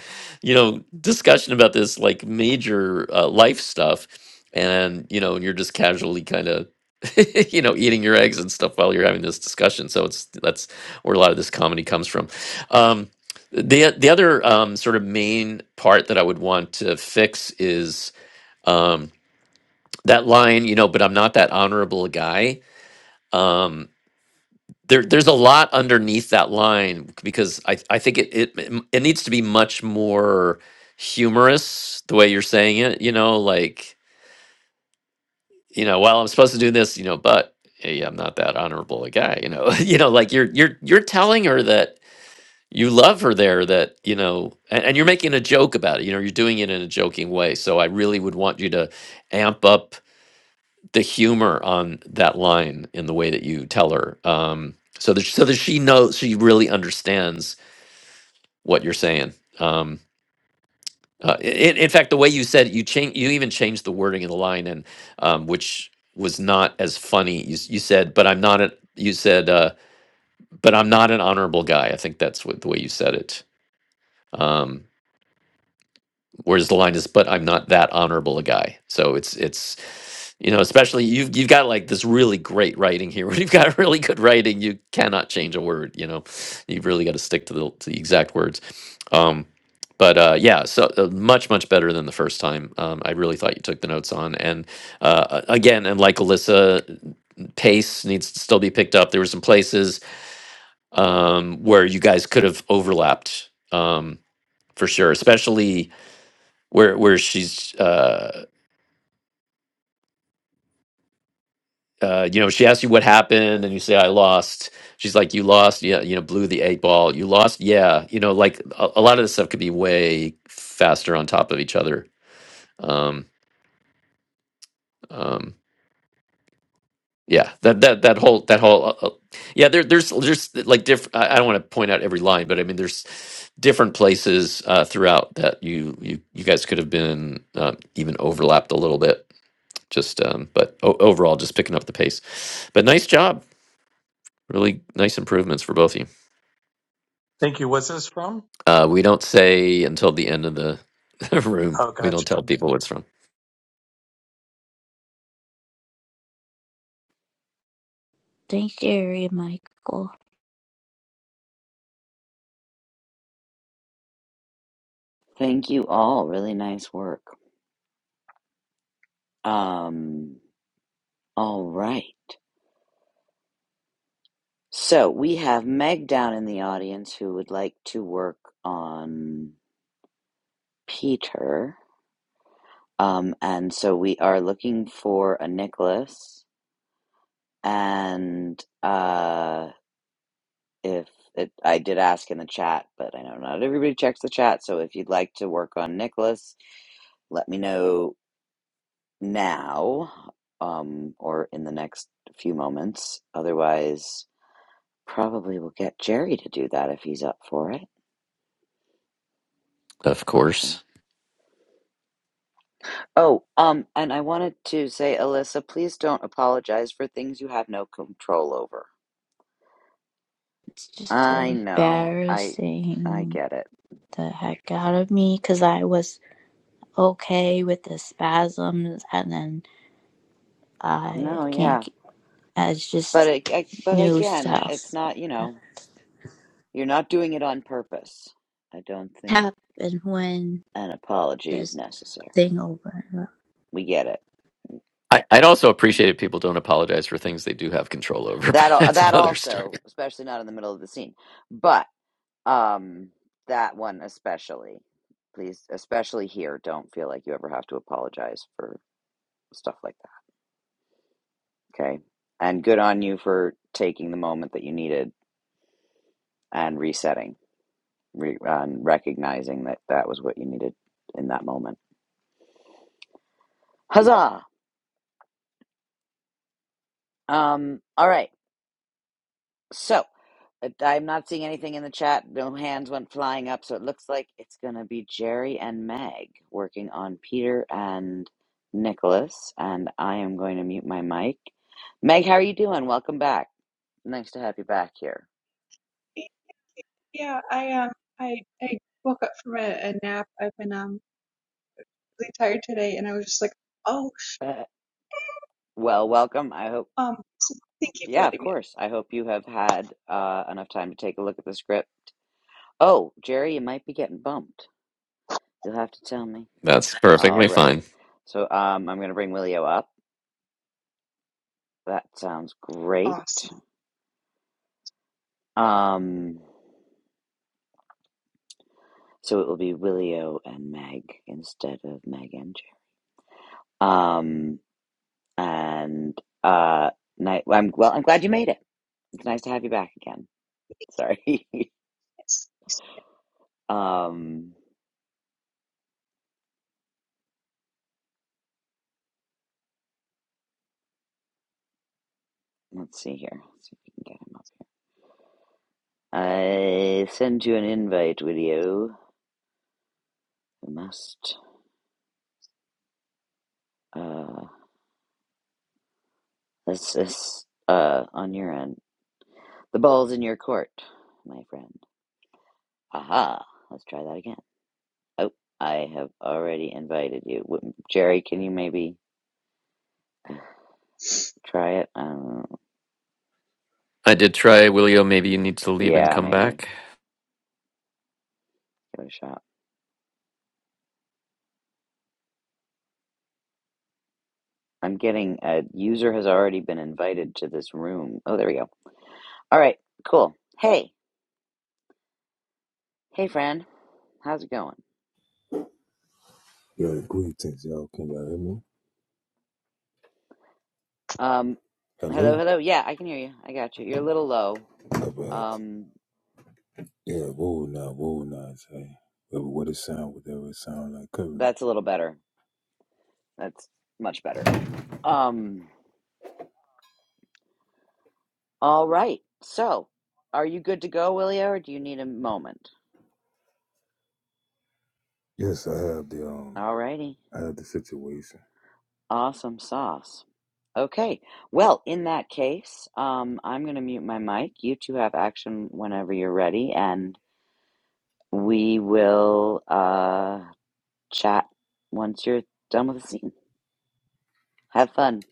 you know discussion about this like major uh, life stuff and you know and you're just casually kind of you know eating your eggs and stuff while you're having this discussion so it's that's where a lot of this comedy comes from. Um, the the other um, sort of main part that I would want to fix is um, that line, you know, but I'm not that honorable guy. Um, there, there's a lot underneath that line because I, I think it, it it needs to be much more humorous the way you're saying it. You know, like you know, well, I'm supposed to do this, you know, but hey, I'm not that honorable a guy. You know, you know, like you're you're you're telling her that you love her there that you know and, and you're making a joke about it you know you're doing it in a joking way so i really would want you to amp up the humor on that line in the way that you tell her um so that so that she knows she really understands what you're saying um uh, in, in fact the way you said it, you change you even changed the wording of the line and um which was not as funny you, s- you said but i'm not a you said uh but i'm not an honorable guy i think that's what the way you said it Um, whereas the line is but i'm not that honorable a guy so it's it's you know especially you've you've got like this really great writing here when you've got really good writing you cannot change a word you know you've really got to stick to the, to the exact words um but uh, yeah, so uh, much much better than the first time. Um, I really thought you took the notes on, and uh, a- again, and like Alyssa, pace needs to still be picked up. There were some places um, where you guys could have overlapped um, for sure, especially where where she's uh uh you know she asks you what happened and you say i lost she's like you lost yeah you know blew the eight ball you lost yeah you know like a, a lot of this stuff could be way faster on top of each other um um yeah that that that whole that whole uh, uh, yeah there there's there's like different i I don't want to point out every line but i mean there's different places uh throughout that you you you guys could have been uh, even overlapped a little bit just um but o- overall just picking up the pace but nice job Really nice improvements for both of you. Thank you. What's this from? Uh, we don't say until the end of the room. Oh, We gotcha. don't tell people what's from. Thank you, Michael. Thank you all. Really nice work. Um, all right. So we have Meg down in the audience who would like to work on Peter. Um, and so we are looking for a Nicholas and uh if it, I did ask in the chat, but I know not everybody checks the chat. So if you'd like to work on Nicholas, let me know now um, or in the next few moments. Otherwise, probably we'll get Jerry to do that if he's up for it. Of Awesome. course. Oh, um, and I wanted to say, Alyssa, please don't apologize for things you have no control over. It's just I know. I I embarrassing get it. the heck out of me because I was okay with the spasms, and then I No, can't. yeah. It's But just I, I, but new again, it's stuff not, you that know. You're not doing it on purpose. I don't think happened when an apology is this necessary. thing over. We get it. I, I'd also appreciate if people don't apologize for things they do have control over, but That al- that's that another story. also, especially not in the middle of the scene, but um, that one especially. Please, especially here, don't feel like you ever have to apologize for stuff like that. Okay, and good on you for taking the moment that you needed and resetting, re- and recognizing that that was what you needed in that moment. Huzzah! Um, all right. So, uh, I'm not seeing anything in the chat. No hands went flying up, so it looks like it's going to be Jerry and Meg working on Peter and Nicholas. And I am going to mute my mic. Meg, how are you doing? Welcome back. Nice to have you back here. Yeah, I um I I woke up from a, a nap. I've been um really tired today and I was just like, oh Uh, well, welcome. I hope, um thank you for yeah, of letting me course. I hope you have had uh, enough time to take a look at the script. Oh, Jerry, you might be getting bumped. You'll have to tell me. That's All perfectly right. fine. So um, I'm going to bring Willio up. That sounds great. awesome. Um, so it will be Willio and Meg instead of Meg and Jer. Um, and uh, night. well, I'm well. I'm glad you made it. It's nice to have you back again. Sorry. Yes. yes. um, let's see here. Let's see if we can get him up. I send you an invite, Willio. You must. Uh, this is uh on your end. The ball's in your court, my friend. Aha. Let's try that again. Oh, I have already invited you. Wou- Jerry, can you maybe try it? Um, I did try, Willio, maybe you need to leave and yeah, come maybe. back. Give it a shot. I'm getting a user has already been invited to this room. Oh, there we go. All right, cool. Hey, hey, friend. How's it going? Yeah, greetings, y'all. Can y'all hear me? Um, hello, Hello? hello. Yeah, I can hear you. I got you. You're a little low. Yeah, but, Um, yeah, whoa now, whoa now. Say, whatever what it sound, whatever it sound like, cover me. that's a little better. That's much better. Um, all right. So, are you good to go, Willio, or do you need a moment? Yes, I have the, um, All righty. I have the situation. Awesome sauce. Okay. Well, in that case, um, I'm going to mute my mic. You two have action whenever you're ready, and we will uh, chat once you're done with the scene. Have fun.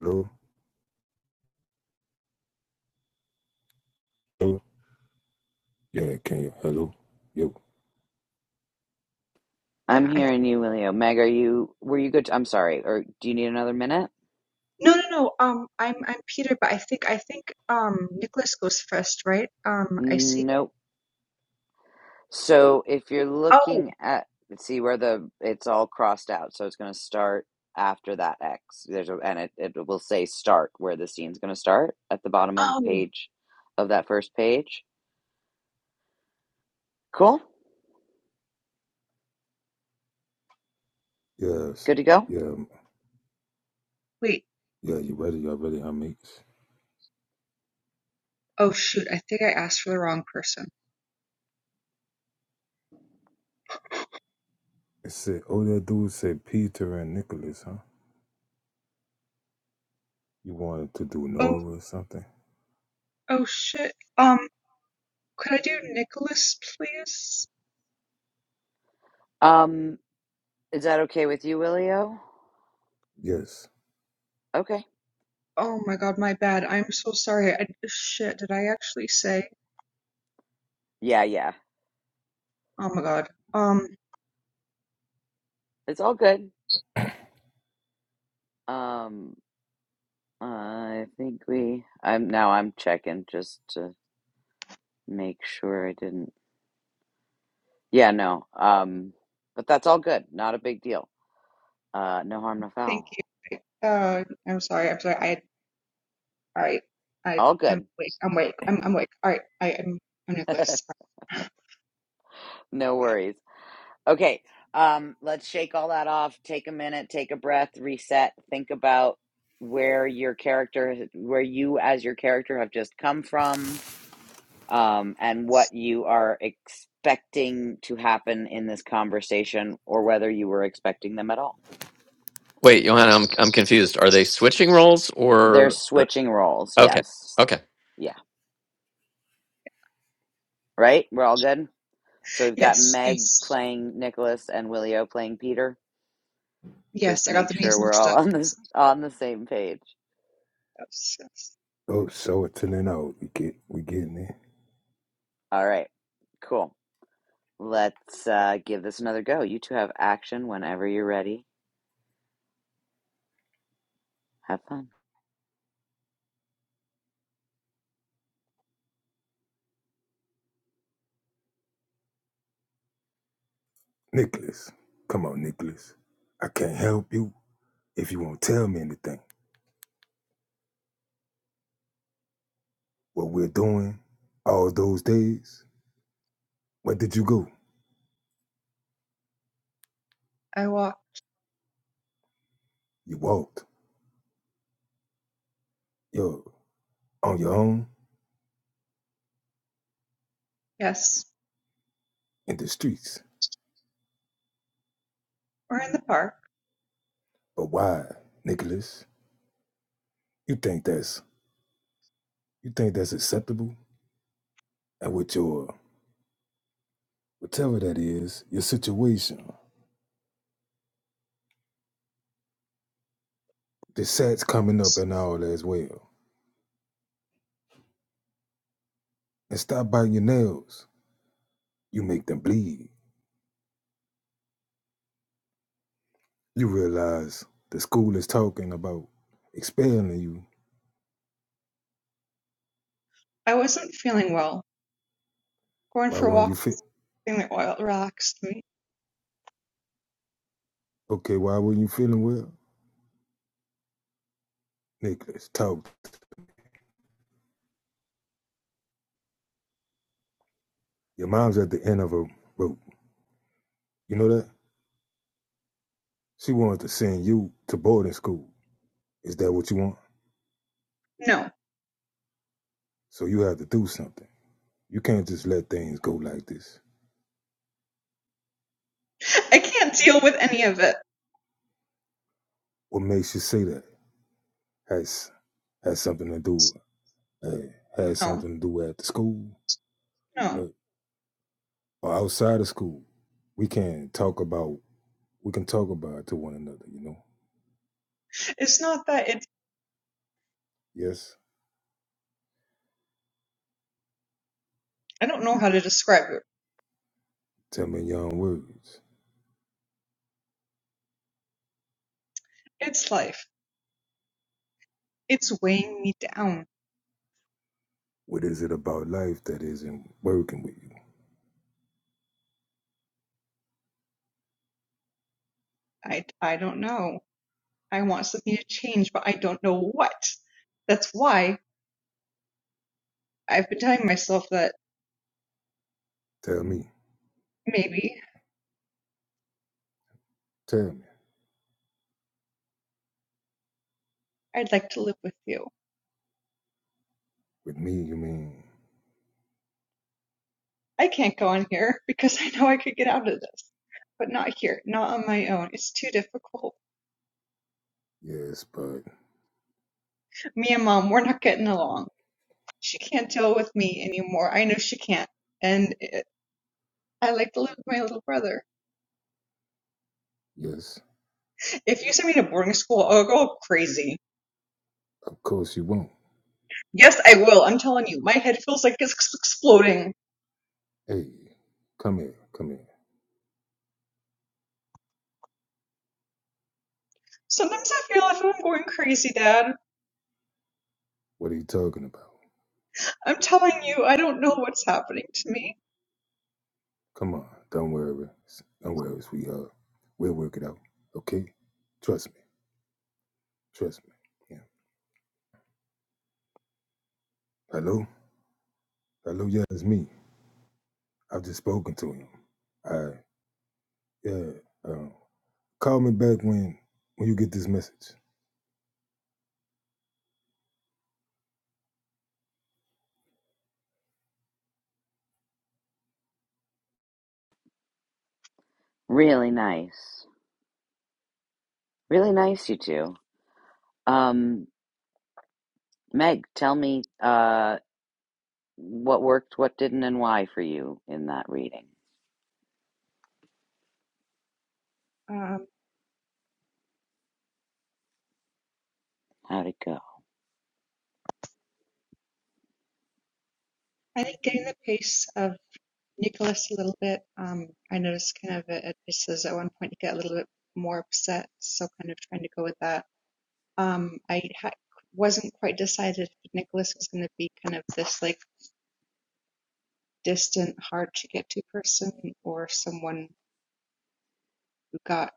Hello? Hello? Yeah, can you, hello? Yo. I'm Yeah, I hearing you, Willio. Meg, are you? Were you good? To, I'm sorry. Or do you need another minute? no no no um I'm I'm Peter but I think I think um Nicholas goes first, right? Um I see Nope. So if you're oh looking at, see where the it's all crossed out. So it's going to start after that X. There's a, and it, it will say start where the scene's going to start at the bottom of the oh page of that first page. Cool. Yes. Good to go. Yeah, um, wait yeah, you ready? Y'all ready, huh, mates? oh shoot I think I asked for the wrong person. It said, oh, that dude said Peter and Nicholas, huh? You wanted to do Oh Nora or something? oh shit. Um could I do Nicholas please? Um, is that okay with you, Willio? Yes. Okay. Oh my god, my bad. I'm so sorry. I, shit, did I actually say? Yeah, yeah. Oh my God. Um, It's all good. Um, I think we. I'm now. I'm checking just to make sure I didn't. Yeah, no. Um, but that's all good. Not a big deal. Uh, no harm, no thank foul. you. Uh, I'm sorry. I'm sorry. I, all right. I All am good. awake. I'm awake. I'm, I'm awake. All right. I am, I'm Nicholas. no worries. Okay. Um, let's shake all that off. Take a minute. Take a breath. Reset. Think about where your character, where you as your character have just come from, um, and what you are expecting to happen in this conversation, or whether you were expecting them at all. Wait, Johanna, I'm, I'm confused. Are they switching roles They're or? uh, switching roles. Okay. Yes. okay. Yeah. Right? We're all good? So we've got Yes. Meg Yes. playing Nicholas and Willio playing Peter. Yes. Just I got make the names sure we're mixed all up. on the Yes. on the same page. Yes. yes. Oh, show it to them out. We get, we getting it. All right. Cool. Let's uh, give this another go. You two have action whenever you're ready. Have fun. Nicholas. Come on, Nicholas. I can't help you. If you won't tell me anything, what we're doing all those days, where did you go? I walked. You walked. You're on your own Yes. in the streets. We're in the park. But why, Nicholas? You think that's you think that's acceptable? And with your whatever that is, your situation, the sats coming up and all as well. And stop biting your nails. You make them bleed. You realize the school is talking about expelling you. I wasn't feeling well. Going Why for a weren't walk, you fit? thing that oil relaxed me. Okay, why weren't you feeling well? Nicholas, talk Your mom's at the end of her rope. You know that? She wanted to send you to boarding school. Is that what you want? No. So you have to do something. You can't just let things go like this. I can't deal with any of it. What makes you say that? Has has something to do with uh, has No. something to do at the school No. uh, or outside of school. We can talk about we can talk about it to one another, you know? It's not that it, Yes? I don't know how to describe it. Tell me in your own words. It's life. It's weighing me down. What is it about life that isn't working with you? I I don't know. I want something to change, but I don't know what. That's why I've been telling myself that Tell me. maybe Tell me. I'd like to live with you. With me you mean I can't go on here because I know I could get out of this, but not here, not on my own. It's too difficult. yes, but Me and mom, we're not getting along. She can't deal with me anymore. I know she can't. And it, I like to live with my little brother. Yes, If you send me to boarding school, I'll go crazy. of course you won't. Yes, I will. I'm telling you, my head feels like it's exploding. Hey, come here, come here. Sometimes I feel if I'm going crazy, Dad. What are you talking about? I'm telling you, I don't know what's happening to me. Come on, don't worry. Don't worry, sweetheart. We'll work it out, okay? Trust me, trust me. Yeah. Hello? Hello, yeah, it's me. I've just spoken to him. I, yeah, uh, call me back when, when you get this message. Really nice. Really nice you two. Um Meg, tell me uh what worked, what didn't and why for you in that reading. Um, How'd it go? I think getting the pace of Nicholas a little bit, um, I noticed kind of at Mrs. at one point to get a little bit more upset, so kind of trying to go with that. Um, I ha- wasn't quite decided if Nicholas was going to be kind of this like distant, hard to get to person or someone who got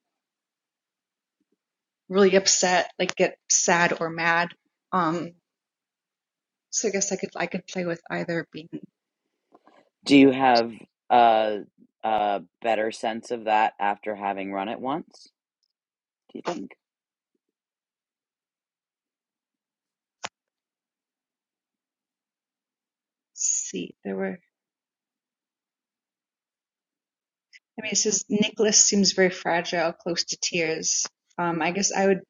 really upset, like get sad or mad. Um, so I guess I could I could play with either being Do you have a, a better sense of that after having run it once? Do you think? see, there were. I mean, it says Nicholas seems very fragile, close to tears. Um, I guess I would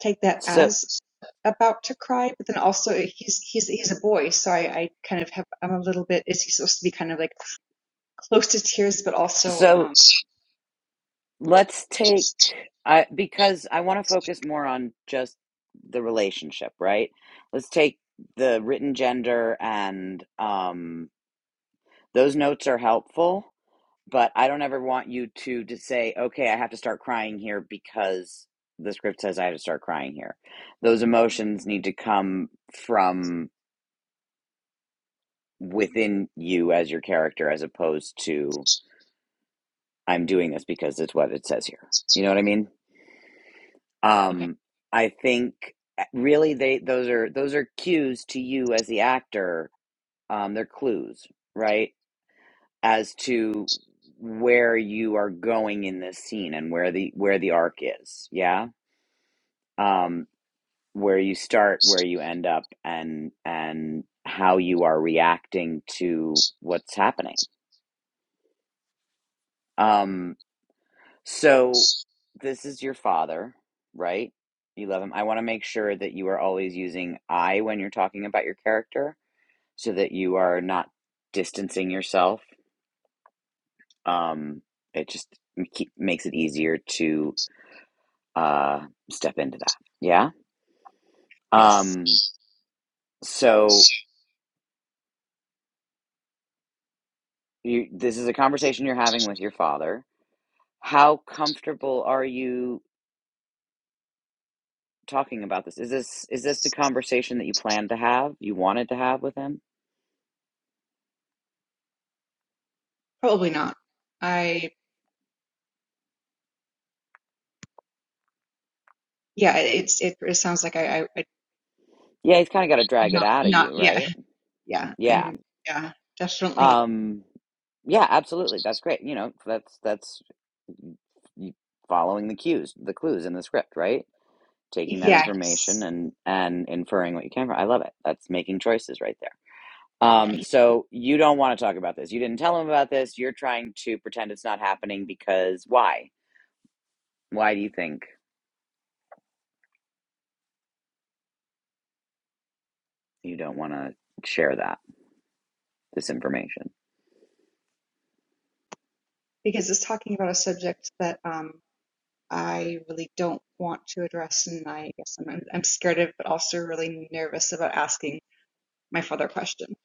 take that So, as about to cry, but then also he's he's he's a boy, so I, I kind of have I'm a little bit. Is he supposed to be kind of like close to tears, but also so um, let's take I because I want to focus more on just the relationship, right? Let's take the written gender and um, those notes are helpful, but I don't ever want you to to say, okay, I have to start crying here because the script says I have to start crying here. Those emotions need to come from within you as your character as opposed to I'm doing this because it's what it says here. You know what I mean? okay, Um I think uh, really they those are those are cues to you as the actor. Um they're clues, right? As to where you are going in this scene and where the where the arc is. Yeah? Um where you start, where you end up and and how you are reacting to what's happening. Um So this is your father, right? You love him. I want to make sure that you are always using I when you're talking about your character so that you are not distancing yourself. Um, it just keep, makes it easier to uh, step into that. Yeah. yes, Um, so you, this is a conversation you're having with your father. How comfortable are you talking about this? Is this is this the conversation that you planned to have? You wanted to have with him? probably not. I yeah, it, it's it, it sounds like I, I I Yeah, he's kind of got to drag it not out of not you, yeah right? yeah Yeah. I'm yeah definitely Um yeah, absolutely. That's great. You know, that's that's y- following the cues, the clues in the script, right? Taking that yeah information he's, and and inferring what you can from. I love it. That's making choices right there. yeah Um he, so you don't want to talk about this. You didn't tell him about this. You're trying to pretend it's not happening because why? Why do you think you don't want to share that this information? because it's talking about a subject that um. I really don't want to address, and I guess I'm, I'm scared of, but also really nervous about asking my father a question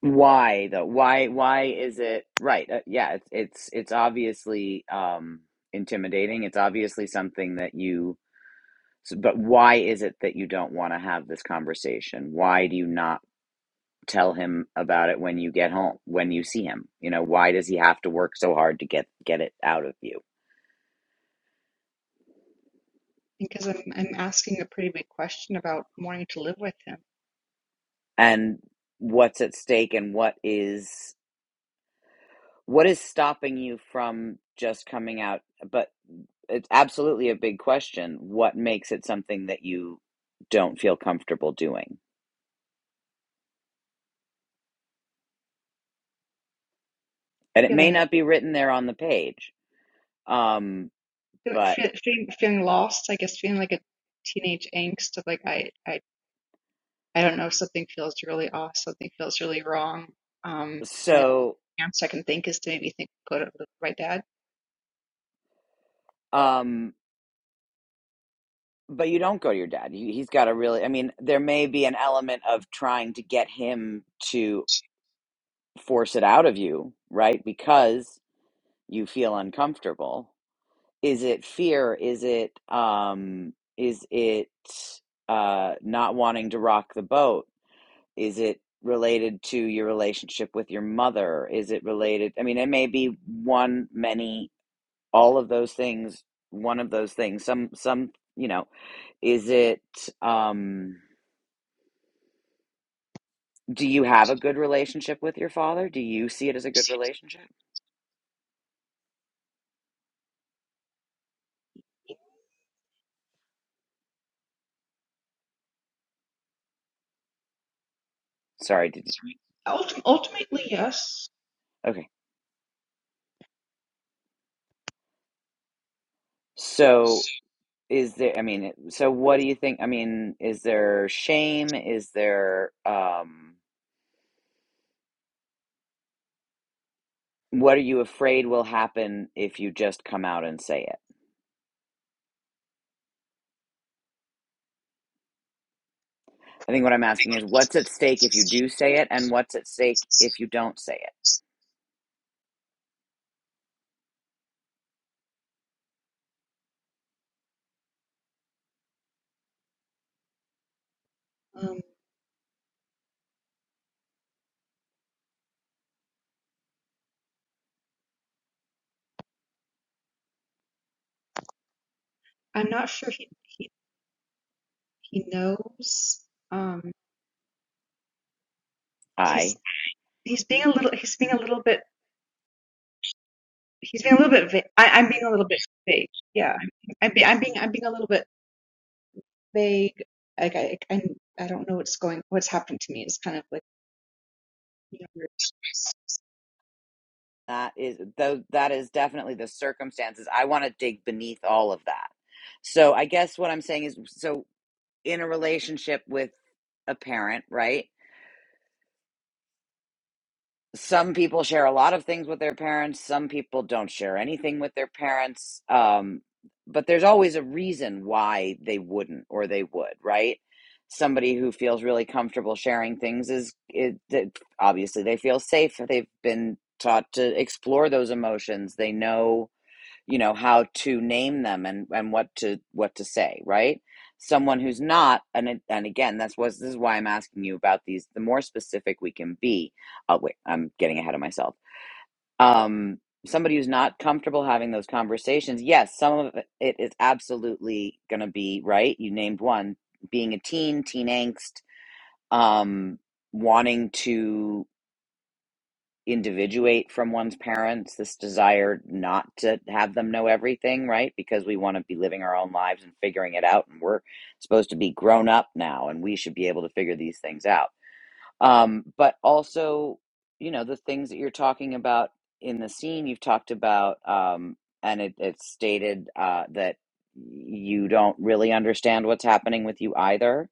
why though why why is it right uh, yeah it's it's it's obviously um intimidating it's obviously something that you s- but why is it that you don't want to have this conversation why do you not tell him about it when you get home when you see him you know why does he have to work so hard to get get it out of you because I'm I'm asking a pretty big question about wanting to live with him, and what's at stake and what is What is stopping you from just coming out? But it's absolutely a big question. What makes it something that you don't feel comfortable doing? And it may feeling not be written there on the page. Um, but feeling feeling, lost. I guess feeling like a teenage angst of like I I I don't know something feels really off, something feels really wrong. Um, and the only so, answer I can think is to maybe think go to the right dad. um, but you don't go to your dad. You, he's got a really, I mean, there may be an element of trying to get him to force it out of you, right? Because you feel uncomfortable Is it fear? Is it um is it uh not wanting to rock the boat? Is it related to your relationship with your mother? Is it related? I mean, it may be one, many, all of those things, one of those things. Some some, you know, is it um do you have a good relationship with your father? Do you see it as a good relationship? Sorry, did you? Sorry. Ultim- ultimately, yes. Okay. So Is there, I mean, so what do you think? I mean, is there shame? Is there, um, what are you afraid will happen if you just come out and say it? I think what I'm asking is what's at stake if you do say it, and what's at stake if you don't say it? Um, I'm not sure he he, he knows because um I he's he's being a little he's being a little bit he's being a little bit va- I, I'm being a little bit vague. Yeah, I'm I'm, be, I'm being I'm being a little bit vague. Like I I I don't know what's going what's happening to me. It's kind of like you know, we're- That is though that is definitely the circumstances. I want to dig beneath all of that. So I guess what I'm saying is so in a relationship with a parent, right? Some people share a lot of things with their parents, some people don't share anything with their parents. Um but there's always a reason why they wouldn't or they would, right? Somebody who feels really comfortable sharing things is it, it, obviously they feel safe. They've been taught to explore those emotions. They know you know how to name them and and what to what to say right someone who's not and and again that's was this is why i'm asking you about these the more specific we can be oh wait i'm getting ahead of myself um somebody who's not comfortable having those conversations yes some of it is absolutely going to be right you named one being a teen teen angst um wanting to individuate from one's parents, this desire not to have them know everything, right? Because we want to be living our own lives and figuring it out. And we're supposed to be grown up now and we should be able to figure these things out. Um, but also, you know, the things that you're talking about in the scene, you've talked about, um, and it, it's stated uh, that you don't really understand what's happening with you either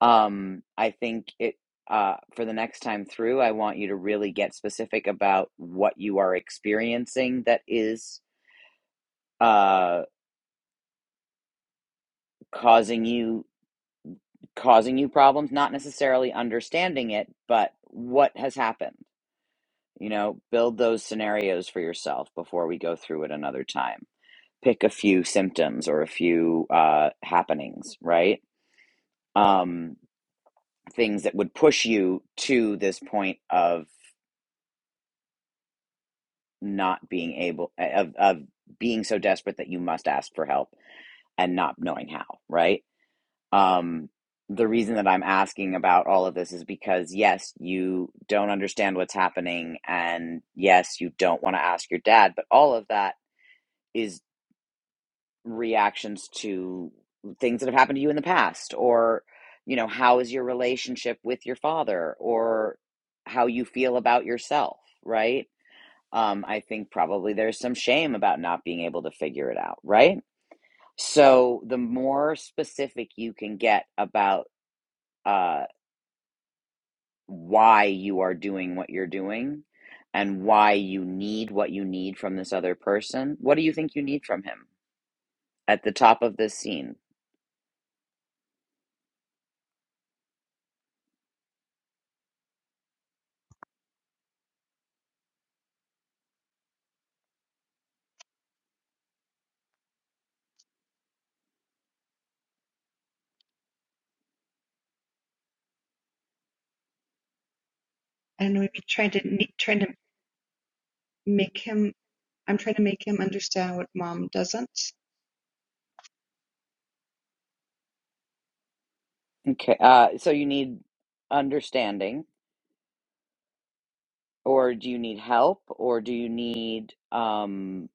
um, I think it uh, for the next time through, I want you to really get specific about what you are experiencing that is uh, causing you causing you problems. Not necessarily understanding it, but what has happened. You know, build those scenarios for yourself before we go through it another time. Pick a few symptoms or a few uh, happenings, right? Um, things that would push you to this point of. not being able of of being so desperate that you must ask for help and not knowing how, right? Um the reason that I'm asking about all of this is because yes, you don't understand what's happening and yes, you don't want to ask your dad, but all of that is reactions to things that have happened to you in the past or you know, how is your relationship with your father or how you feel about yourself, right? um, I think probably there's some shame about not being able to figure it out, right? So the more specific you can get about uh, why you are doing what you're doing and why you need what you need from this other person, what do you think you need from him at the top of this scene? I don't know. Maybe trying to ne- trying to make him. I'm trying to make him understand what mom doesn't. Okay, uh, so you need understanding, or do you need help, or do you need um,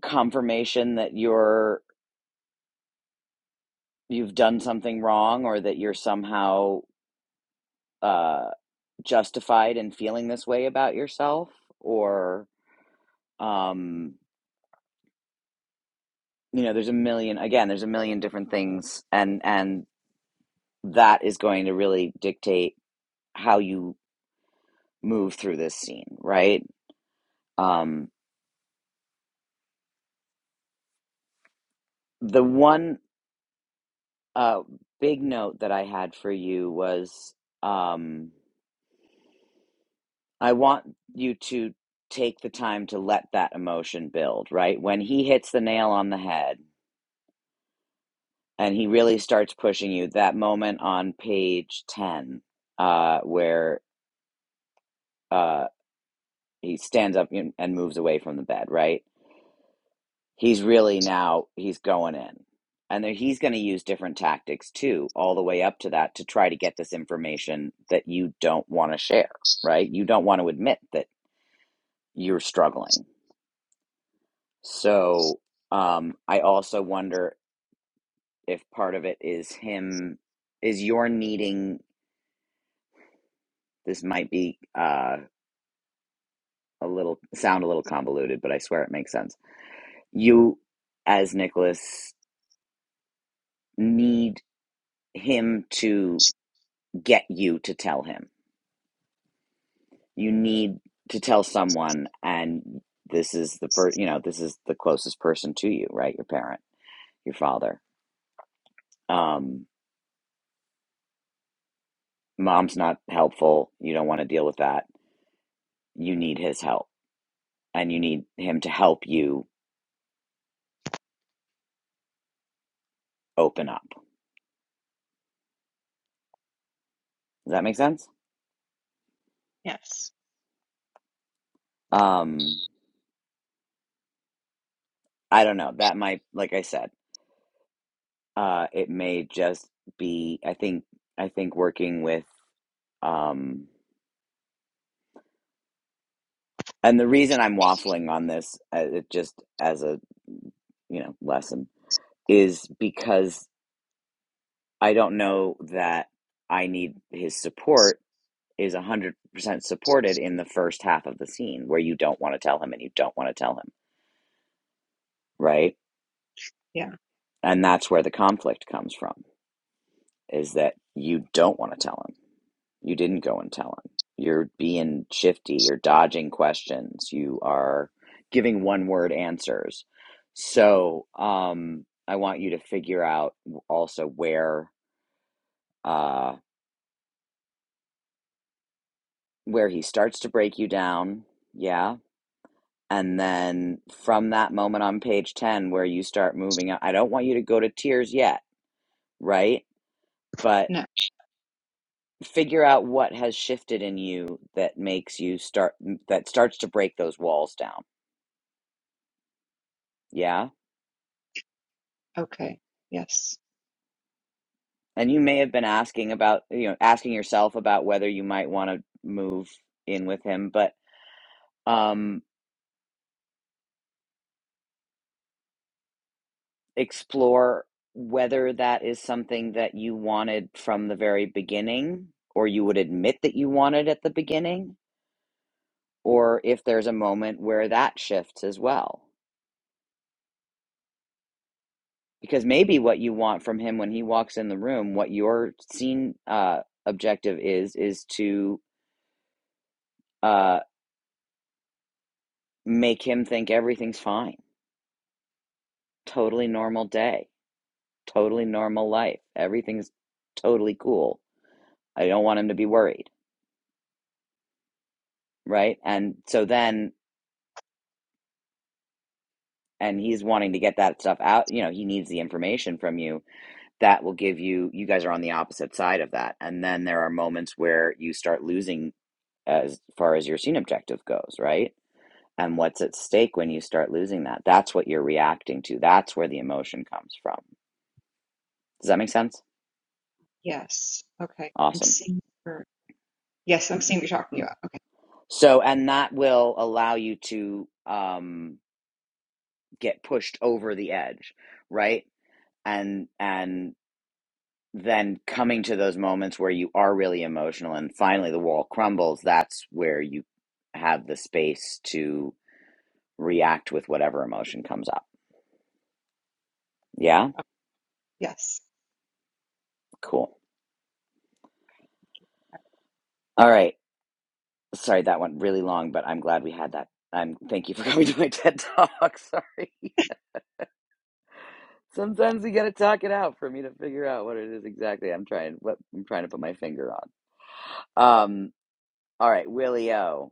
confirmation that you're you've done something wrong, or that you're somehow uh, justified in feeling this way about yourself or um, you know there's a million again there's a million different things and and that is going to really dictate how you move through this scene right um, the one uh, big note that i had for you was um, i want you to take the time to let that emotion build right when he hits the nail on the head and he really starts pushing you that moment on page 10 uh where uh he stands up and moves away from the bed right he's really now he's going in and then he's going to use different tactics too all the way up to that to try to get this information that you don't want to share right you don't want to admit that you're struggling so um i also wonder if part of it is him is your needing this might be uh, a little sound a little convoluted, but I swear it makes sense. You, as Nicholas, need him to get you to tell him. You need to tell someone, and this is the per- you know this is the closest person to you, right? Your parent, your father. Um, mom's not helpful. You don't want to deal with that. You need his help, and you need him to help you open up. Does that make sense? Yes. Um, I don't know. That might, like I said. Uh, it may just be, I think, I think working with, um, and the reason I'm waffling on this, uh, it just as a, you know, lesson is because I don't know that I need his support is 100% supported in the first half of the scene where you don't want to tell him and you don't want to tell him, right? Yeah. And that's where the conflict comes from is that you don't want to tell him You didn't go and tell him. You're being shifty. You're dodging questions. You are giving one word answers. So um, I want you to figure out also where uh, where he starts to break you down. Yeah. And then from that moment on page 10 where you start moving up, I don't want you to go to tears yet, right? But No. figure out what has shifted in you that makes you start that starts to break those walls down. Yeah Okay. Yes. And you may have been asking about, you know, asking yourself about whether you might want to move in with him, but um, explore whether that is something that you wanted from the very beginning, or you would admit that you wanted at the beginning, or if there's a moment where that shifts as well. Because maybe what you want from him when he walks in the room, what your scene uh, objective is, is to uh, make him think everything's fine, totally normal day totally normal life. Everything's totally cool. I don't want him to be worried, right? And so then, and he's wanting to get that stuff out. You know, he needs the information from you that will give you, you guys are on the opposite side of that. And then there are moments where you start losing as far as your scene objective goes, right? And what's at stake when you start losing that? That's what you're reacting to. That's where the emotion comes from. Does that make sense? Yes. Okay. I'm Awesome. seeing her. Yes, I'm seeing what you're talking about. Okay. So, and that will allow you to, um, get pushed over the edge right and and then coming to those moments where you are really emotional and finally the wall crumbles that's where you have the space to react with whatever emotion comes up yeah Yes. cool all right sorry that went really long but i'm glad we had that i'm thank you for coming to my ted talk sorry sometimes you gotta talk it out for me to figure out what it is exactly i'm trying what i'm trying to put my finger on um all right willie o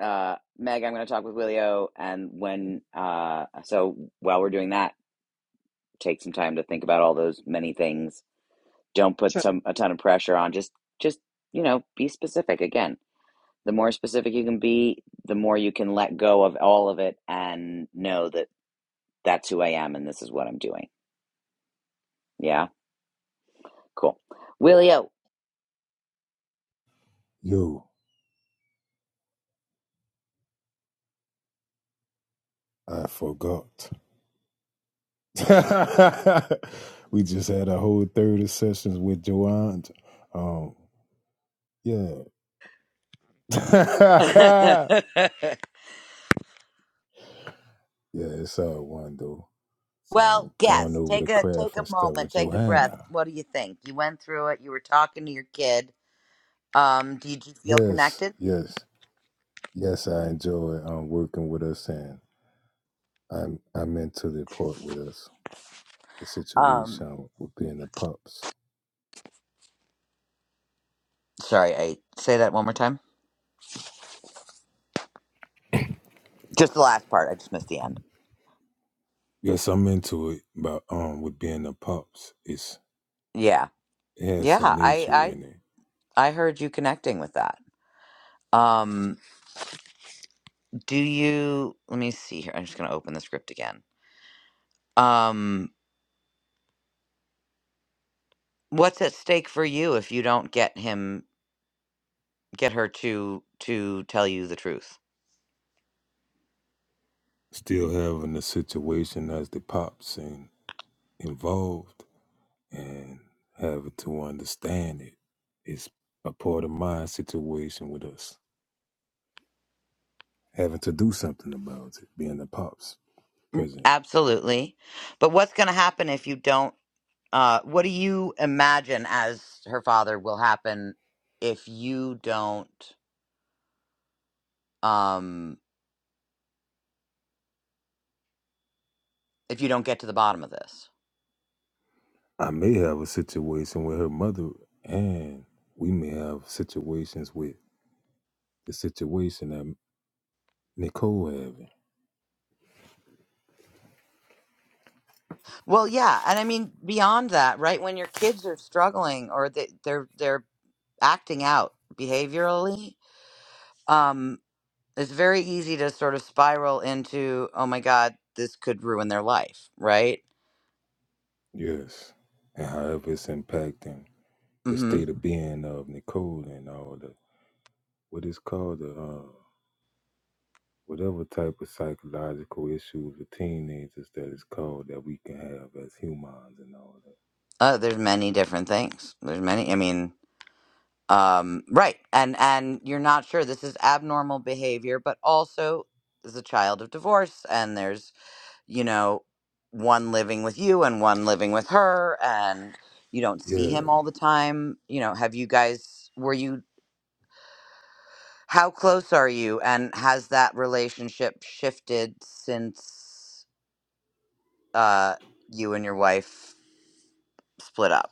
uh, Meg, I'm going to talk with Willio, and when uh, so while we're doing that, take some time to think about all those many things. Don't put So some a ton of pressure on. Just just you know, be specific. Again, the more specific you can be, the more you can let go of all of it and know that that's who I am and this is what I'm doing. Yeah, cool, Willio. Yo, I forgot. we just had a whole 30 sessions with Joanne. Um, yeah. Yeah, it's all one though. So well, going guess. over Take the a take craft a and stuff moment. with Take a breath. Johanna. What do you think? You went through it. You were talking. Did Um, did you feel connected? Yes, yes, yes. I enjoy um working with us, and I'm I'm into the part with us. The Um, situation with being the pups. sorry, I say that one more time. Just the last part. I just missed the end. Yes, I'm into it, but um, with being the pups, it's Yeah, it has yeah. some nature I in it. I I heard you connecting with that. Um, do you? Let me see here. I'm just gonna open the script again. Um, what's at stake for you if you don't get him get her to to tell you the truth? Still having the situation as the pops and involved, and having to understand it is a part of my situation with us. having to do something about it, being the pops present. Absolutely. But what's gonna happen if you don't? Uh, what do you imagine as her father will happen if you don't? Um. if you don't get to the bottom of this. I may have a situation with her mother, and we may have situations with the situation that Nicole having. Well, yeah, and I mean beyond that, right? When your kids are struggling or they, they're they're acting out behaviorally, um, it's very easy to sort of spiral into, oh my god, this could ruin their life, right? Yes, and however it's impacting the Mm-hmm. state of being of Nicole and all the what is called the uh, whatever type of psychological issues with teenagers that is called that we can have as humans and all that. Uh, there's many different things. There's many. I mean, um, right, and and you're not sure this is abnormal behavior, but also is a child of divorce, and there's you know, one living with you and one living with her, and you don't see Yeah. him all the time. You know, have you guys, were you, how close are you? And has that relationship shifted since uh, you and your wife split up?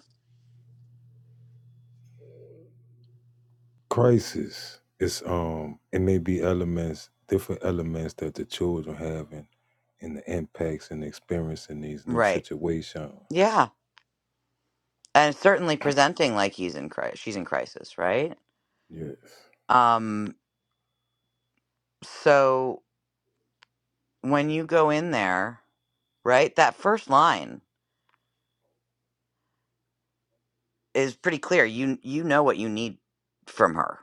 crisis it's um it may be elements different elements that the children having and and the impacts and experience in these new Right. situations Yeah. And certainly presenting like he's in crisis, she's in crisis, right? yes Um, so when you go in there, right, that first line is pretty clear. You you know what you need from her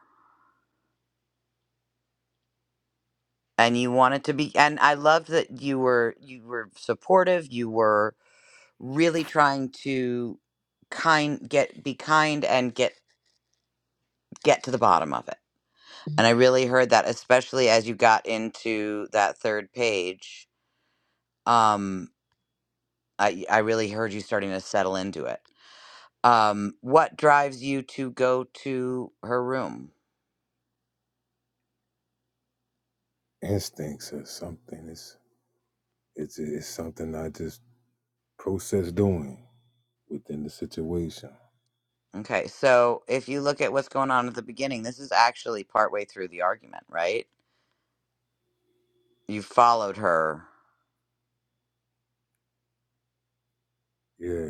and you wanted to be and i love that you were you were supportive you were really trying to kind get be kind and get get to the bottom of it and i really heard that especially as you got into that third page um i i really heard you starting to settle into it um what drives you to go to her room instincts or something it's it's it's something i just process doing within the situation okay so if you look at what's going on at the beginning this is actually partway through the argument right you followed her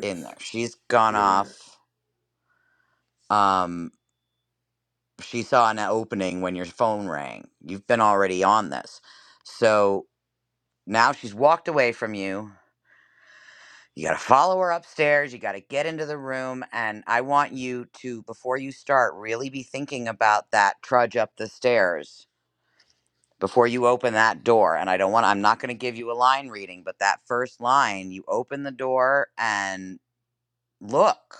in there. She's gone yeah off. Um, she saw an opening when your phone rang. You've been already on this. So now she's walked away from you. You got to follow her upstairs. You got to get into the room. And I want you to, before you start, really be thinking about that trudge up the stairs before you open that door. And I don't want, I'm not going to give you a line reading, but that first line, you open the door and look,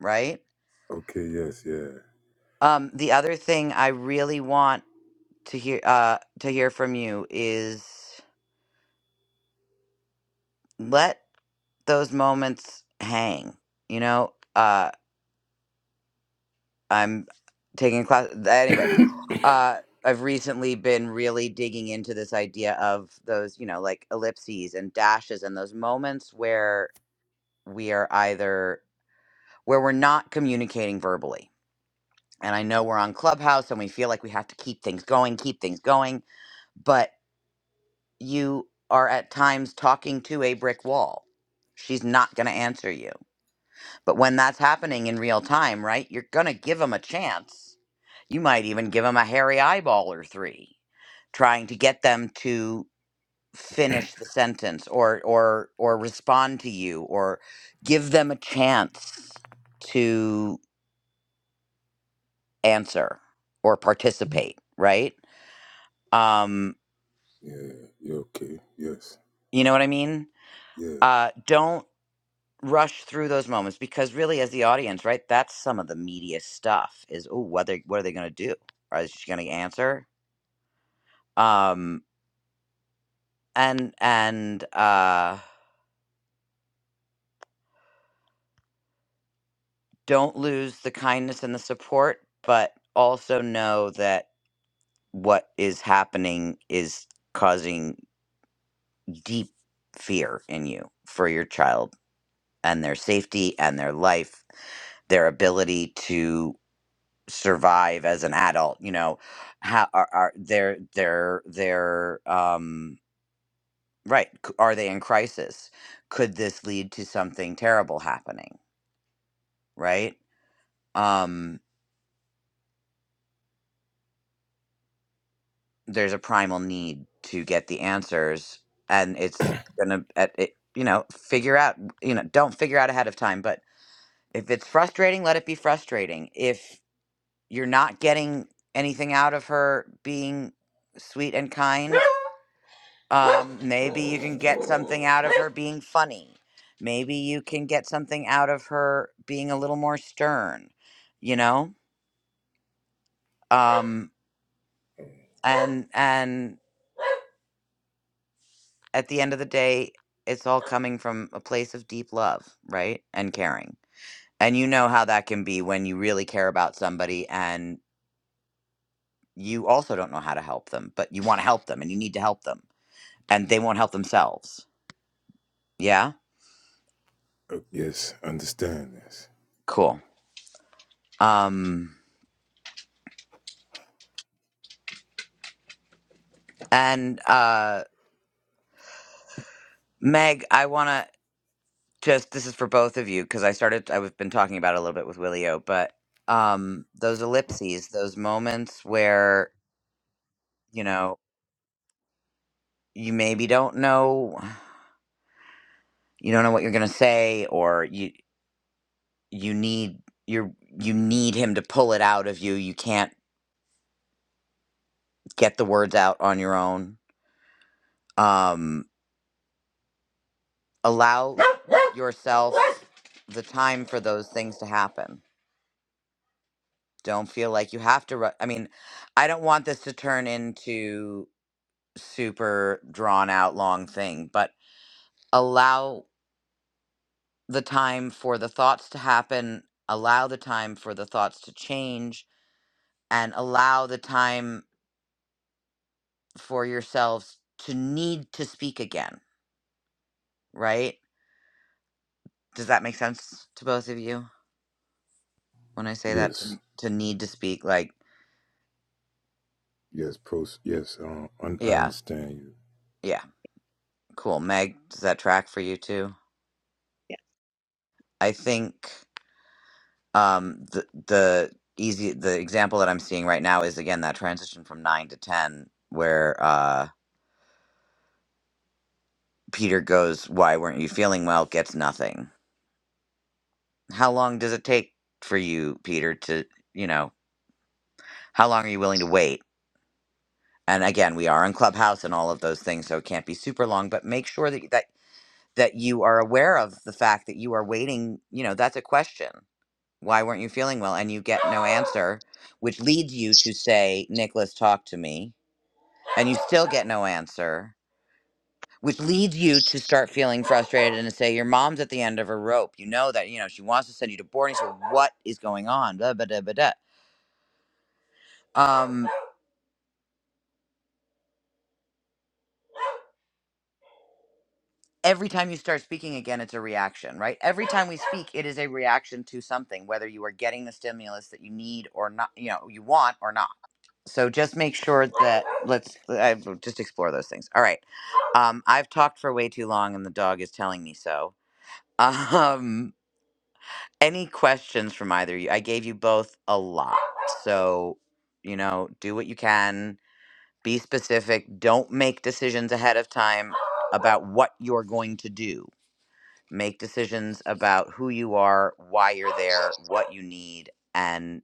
right? okay yes yeah Um, the other thing I really want to hear uh to hear from you is let those moments hang you know uh i'm taking a class anyway uh i've recently been really digging into this idea of those you know like ellipses and dashes and those moments where we are either where we're not communicating verbally and i know we're on clubhouse and we feel like we have to keep things going keep things going but. you are at times talking to a brick wall. She's not going to answer you. But when that's happening in real time, right, you're going to give them a chance. You might even give them a hairy eyeball or three, trying to get them to finish the sentence or or or respond to you or give them a chance to answer or participate, right? Um, yeah yeah okay yes you know what I mean? yeah Uh, don't rush through those moments because really as the audience right that's some of the media stuff is oh what they what are they going to do Or is she going to answer um and and uh don't lose the kindness and the support but also know that what is happening is causing deep fear in you for your child and their safety and their life their ability to survive as an adult you know how are, are they're they're they're um right c- are they in crisis could this lead to something terrible happening right um there's a primal need to get the answers and it's gonna at it, you know figure out you know don't figure out ahead of time but if it's frustrating let it be frustrating if you're not getting anything out of her being sweet and kind Um, maybe you can get something out of her being funny. Maybe you can get something out of her being a little more stern, you know? Um, and and at the end of the day, it's all coming from a place of deep love, right? And caring. And you know how that can be when you really care about somebody and you also don't know how to help them, but you want to help them and you need to help them and they won't help themselves. Yeah? uh, yes understand this Cool. Um and uh Meg, I want to just this is for both of you because I started I've been talking about it a little bit with Willie O, but um those ellipses, those moments where, you know, you maybe don't know you don't know what you're going to say or you you need you're you need him to pull it out of you. You can't get the words out on your own. Um allow yourself the time for those things to happen Don't feel like you have to ru I mean, I don't want this to turn into super drawn out long thing, but allow the time for the thoughts to happen, allow the time for the thoughts to change, and allow the time for yourselves to need to speak again, right? Does that make sense to both of you when I say that to yes to need to speak like yes pros yes um, un- i yeah, understand you yeah. Cool. Meg, does that track for you too? yeah, I think Um, the the easy the example that I'm seeing right now is again that transition from nine to ten, where uh, Peter goes, "Why weren't you feeling well?" Gets nothing. How long does it take for you, Peter, to you know? How long are you willing to wait? And again, we are on Clubhouse and all of those things, so it can't be super long. But make sure that that that you are aware of the fact that you are waiting. You know, that's a question. Why weren't you feeling well? And you get no answer, which leads you to say, "Nicholas, talk to me." and you still get no answer, which leads you to start feeling frustrated and to say, Your mom's at the end of her rope. You know that, you know, she wants to send you to boarding school. What is going on? Blah, blah, blah, blah, blah. Um, every time you start speaking again, it's a reaction, right? Every time we speak, it is a reaction to something, whether you are getting the stimulus that you need or not, you know, you want or not. So just make sure that let's I, just explore those things. All right. Um, I've talked for way too long and the dog is telling me so. Um, Any questions from either of you? I gave you both a lot. So, you know, do what you can, be specific, don't make decisions ahead of time about what you're going to do. Make decisions about who you are, why you're there, what you need, and,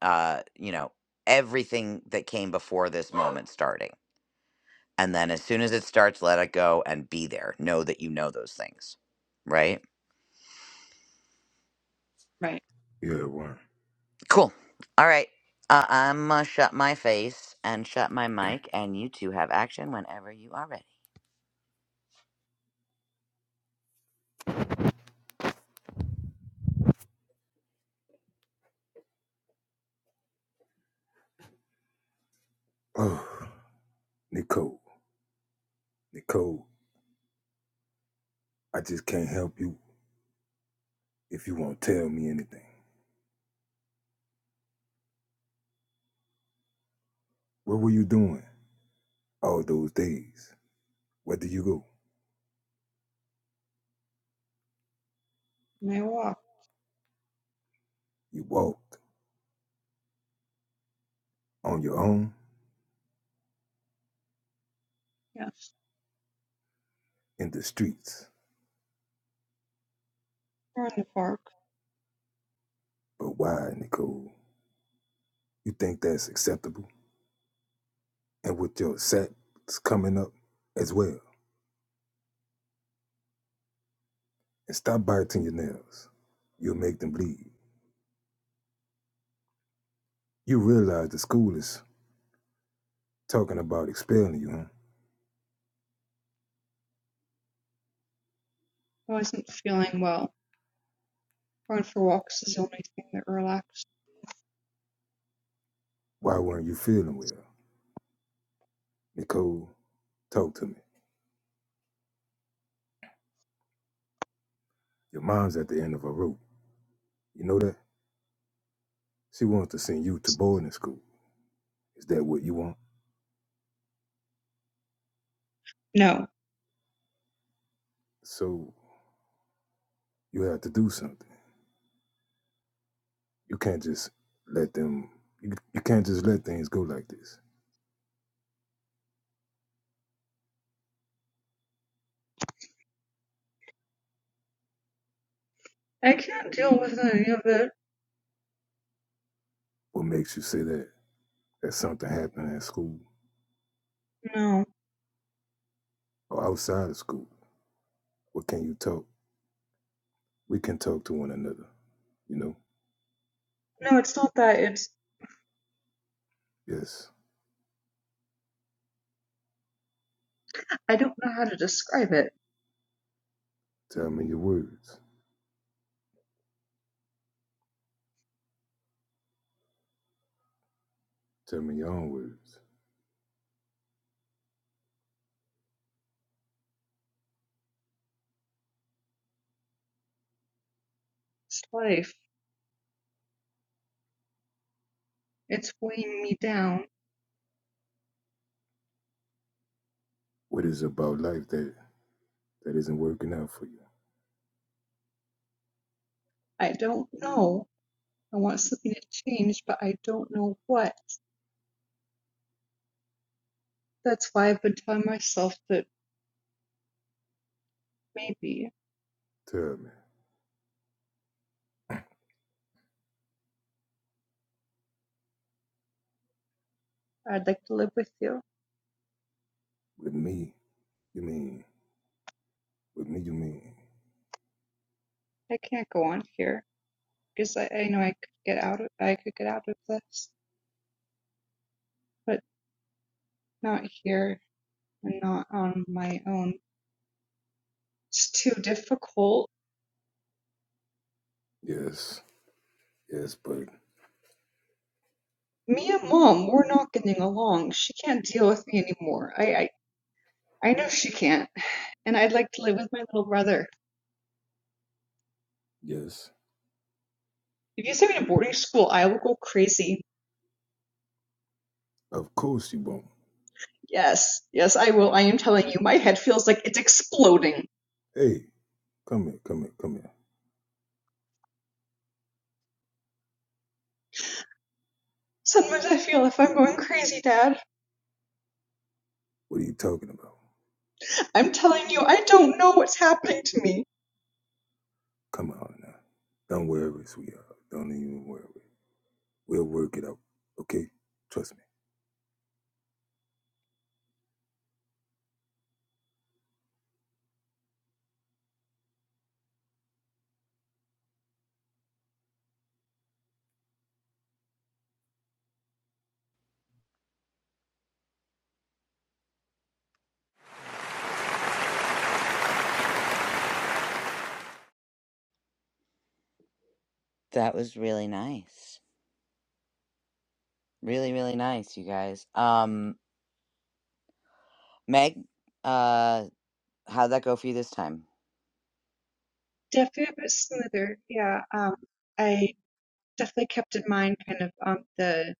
uh, you know, everything that came before this moment starting. And then as soon as it starts, let it go and be there. Know that you know those things, right? right. yeah one Cool. All right. Uh, I'm uh, shut my face and shut my mic, and you two have action whenever you are ready. Oh, Nicole, Nicole, I just can't help you if you won't tell me anything. What were you doing all those days? Where did you go? And I walk. You walked on your own Yeah. in the streets. Or in the park. But why, Nicole? You think that's acceptable? And with your sacks coming up as well. And stop biting your nails. You'll make them bleed. You realize the school is talking about expelling you, huh? I wasn't feeling well. Going for walks is the only thing that relaxed. Why weren't you feeling well? Nicole, talk to me. Your mom's at the end of her rope. You know that? She wants to send you to boarding school. Is that what you want? No. So you have to do something. You can't just let them. You, you can't just let things go like this. I can't deal with any of it. What makes you say that? That something happened at school No. or outside of school. What can you talk? We can talk to one another. You know. No, it's not that. It's Yes. I don't know how to describe it. Tell me your words. Tell me your own words. It's life. It's weighing me down. What is it about life that that isn't working out for you? I don't know. I want something to change, but I don't know what. That's why I've been telling myself that maybe Tell me. I'd like to live with you. With me, you mean? With me, you mean? I can't go on here. because I, I know I could get out of I could get out of this, but not here and not on my own. It's too difficult. Yes. Yes, but Me and mom, we're not getting along. She can't deal with me anymore. I I, I know she can't, and I'd like to live with my little brother. yes. If you send me to boarding school, I will go crazy. Of course you won't. Yes, yes, I will. I am telling you, my head feels like it's exploding. Hey, come here, come here, come here. Sometimes I feel if I'm going crazy, Dad. What are you talking about? I'm telling you, I don't know what's happening to me. Come on now. Don't worry, sweetheart. Don't even worry. We'll work it out. Okay? Trust That was really nice. Really, really nice, you guys. Um, Meg, uh, how'd that go for you this time? Definitely a bit smoother. Yeah. Um, I definitely kept in mind kind of um, the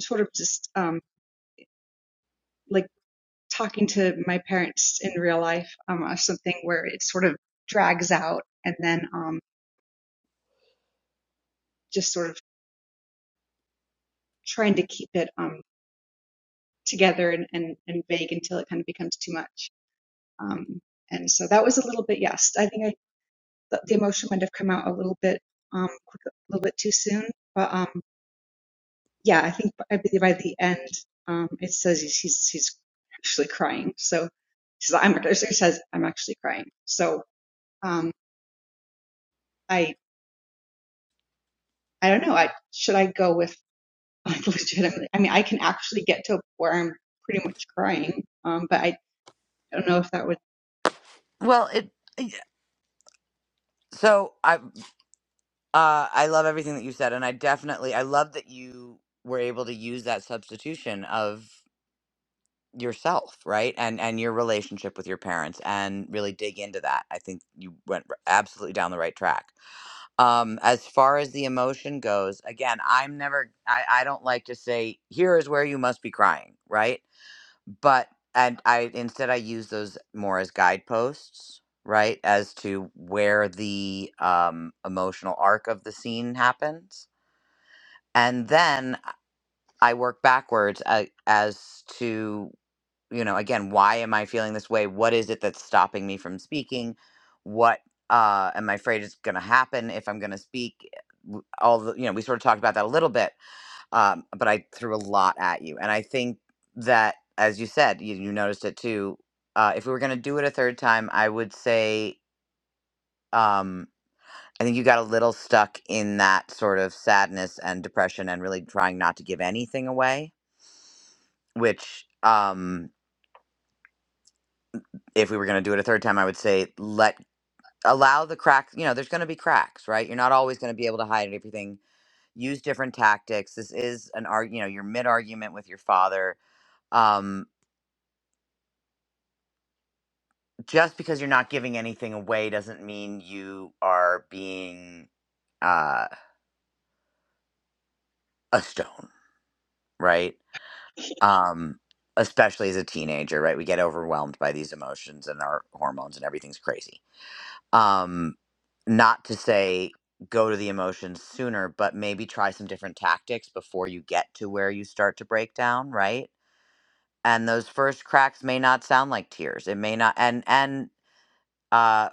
sort of just um, like talking to my parents in real life um, or something where it sort of drags out and then um, just sort of trying to keep it um, together and, and, and vague until it kind of becomes too much. Um, and so that was a little bit, yes, I think I, the the emotion might have come out a little bit, um, quick, a little bit too soon, but. um, yeah, I think by the, by the end, um, it says he's, he's he's actually crying. So he says, "I'm," he says, "I'm actually crying." So um, I I don't know. I should I go with like legitimately? I mean, I can actually get to where I'm pretty much crying, um, but I don't know if that would. Well, it y- so I uh I love everything that you said and I definitely I love that you were able to use that substitution of yourself, right? And and your relationship with your parents and really dig into that. I think you went r- absolutely down the right track. um as far as the emotion goes again i'm never i i don't like to say here is where you must be crying right but and i instead i use those more as guideposts right as to where the um emotional arc of the scene happens and then i work backwards a- as to you know again why am i feeling this way what is it that's stopping me from speaking what uh am i afraid is going to happen if i'm going to speak W- all the you know we sort of talked about that a little bit um but i threw a lot at you and i think that as you said you, you noticed it too uh if we were going to do it a third time i would say um i think you got a little stuck in that sort of sadness and depression and really trying not to give anything away which um if we were going to do it a third time, I would say let allow the crack you know there's going to be cracks right you're not always going to be able to hide everything use different tactics this is an arg you know your mid argument with your father um just because you're not giving anything away doesn't mean you are being uh a stone right um especially as a teenager right we get overwhelmed by these emotions and our hormones and everything's crazy um not to say go to the emotions sooner but maybe try some different tactics before you get to where you start to break down right and those first cracks may not sound like tears it may not and and uh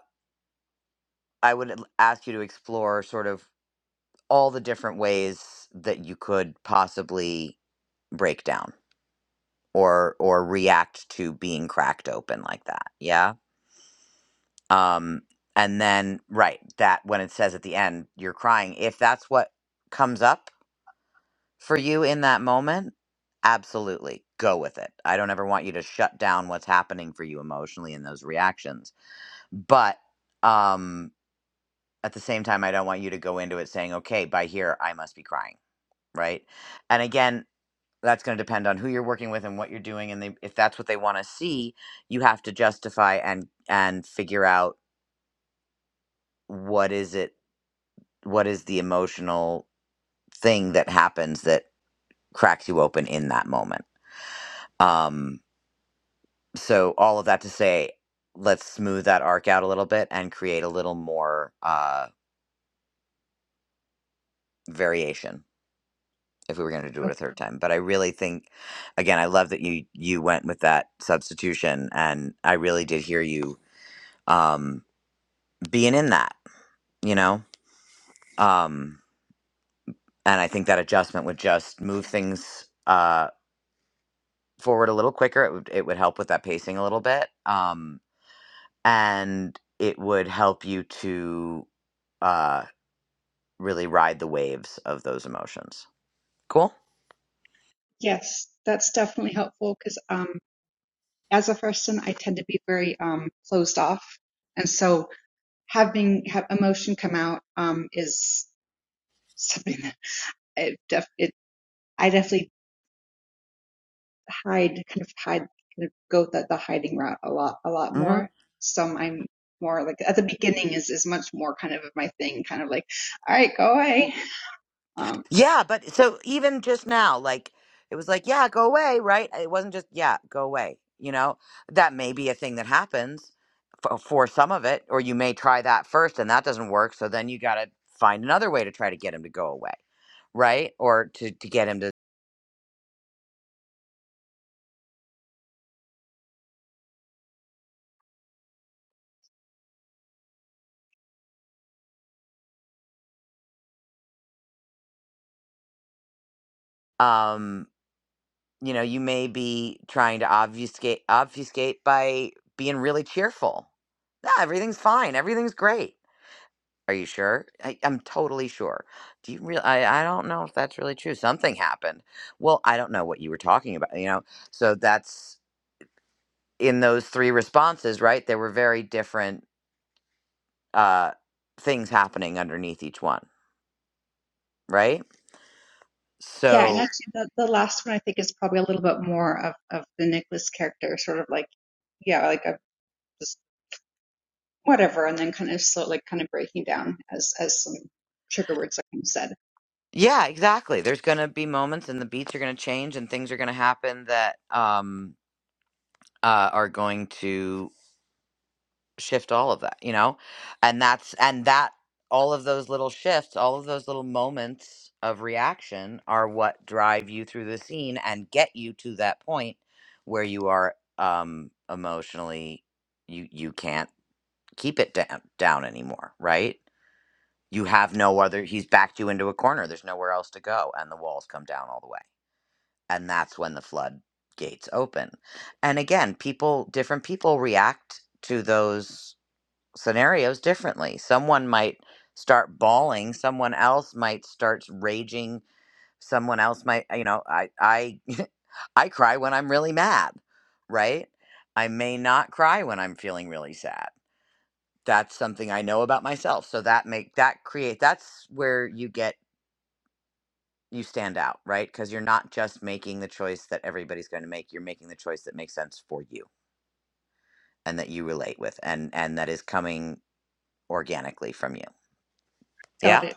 i would l- ask you to explore sort of all the different ways that you could possibly break down or or react to being cracked open like that Yeah. Um, and then, right, that when it says at the end, you're crying, if that's what comes up for you in that moment, absolutely go with it. I don't ever want you to shut down what's happening for you emotionally in those reactions. But um, at the same time, I don't want you to go into it saying, okay, by here, I must be crying, right? And again, that's going to depend on who you're working with and what you're doing and they, if that's what they want to see you have to justify and and figure out what is it what is the emotional thing that happens that cracks you open in that moment um so all of that to say let's smooth that arc out a little bit and create a little more uh variation if we were going to do Okay. it a third time but i really think again i love that you you went with that substitution and i really did hear you um being in that you know um and i think that adjustment would just move things uh. forward a little quicker. It would it would help with that pacing a little bit, um, and it would help you to uh, really ride the waves of those emotions. Cool. Yes, that's definitely helpful because um, as a person, I tend to be very um, closed off, and so having have emotion come out um, is something that it, def- it I definitely hide kind of hide kind of go the, the hiding route a lot a lot hmm more. Some I'm more like at the beginning is is much more kind of my thing, kind of like, all right, go away. Um, Yeah, but so even just now, like it was like, yeah, go away, right? It wasn't just yeah, go away. You know, that may be a thing that happens for, for some of it, or you may try that first, and that doesn't work. So then you got to find another way to try to get him to go away, right? Or to to get him to. Um, you know, you may be trying to obfuscate obfuscate by being really cheerful. No, everything's fine. Everything's great. Are you sure? I, I'm totally sure. Do you really? I, I don't know if that's really true. Something happened. Well, I don't know what you were talking about. You know, so that's in those three responses, right? There were very different uh, things happening underneath each one, right? yeah, and So actually the, the last one I think is probably a little bit more of of the Nicholas character, sort of like yeah, like a whatever, and then kind of slow, like kind of breaking down as as some trigger words like you said. yeah, exactly. There's gonna be moments, and the beats are gonna change, and things are gonna happen that um, uh, are going to shift all of that, you know? And that's, and that, all of those little shifts, all of those little moments of reaction are what drive you through the scene and get you to that point where you are um, emotionally, you, you can't keep it down, down anymore, right? You have no other, he's backed you into a corner. There's nowhere else to go. And the walls come down all the way and that's when the floodgates open. And again, people, different people react to those scenarios differently. Someone might start bawling, someone else might start raging, someone else might, you know, I I I cry when I'm really mad, right? I may not cry when I'm feeling really sad. That's something I know about myself. So that make that create that's where you get you stand out, right? Because you're not just making the choice that everybody's going to make. You're making the choice that makes sense for you and that you relate with and and that is coming organically from you. Got Yeah? it.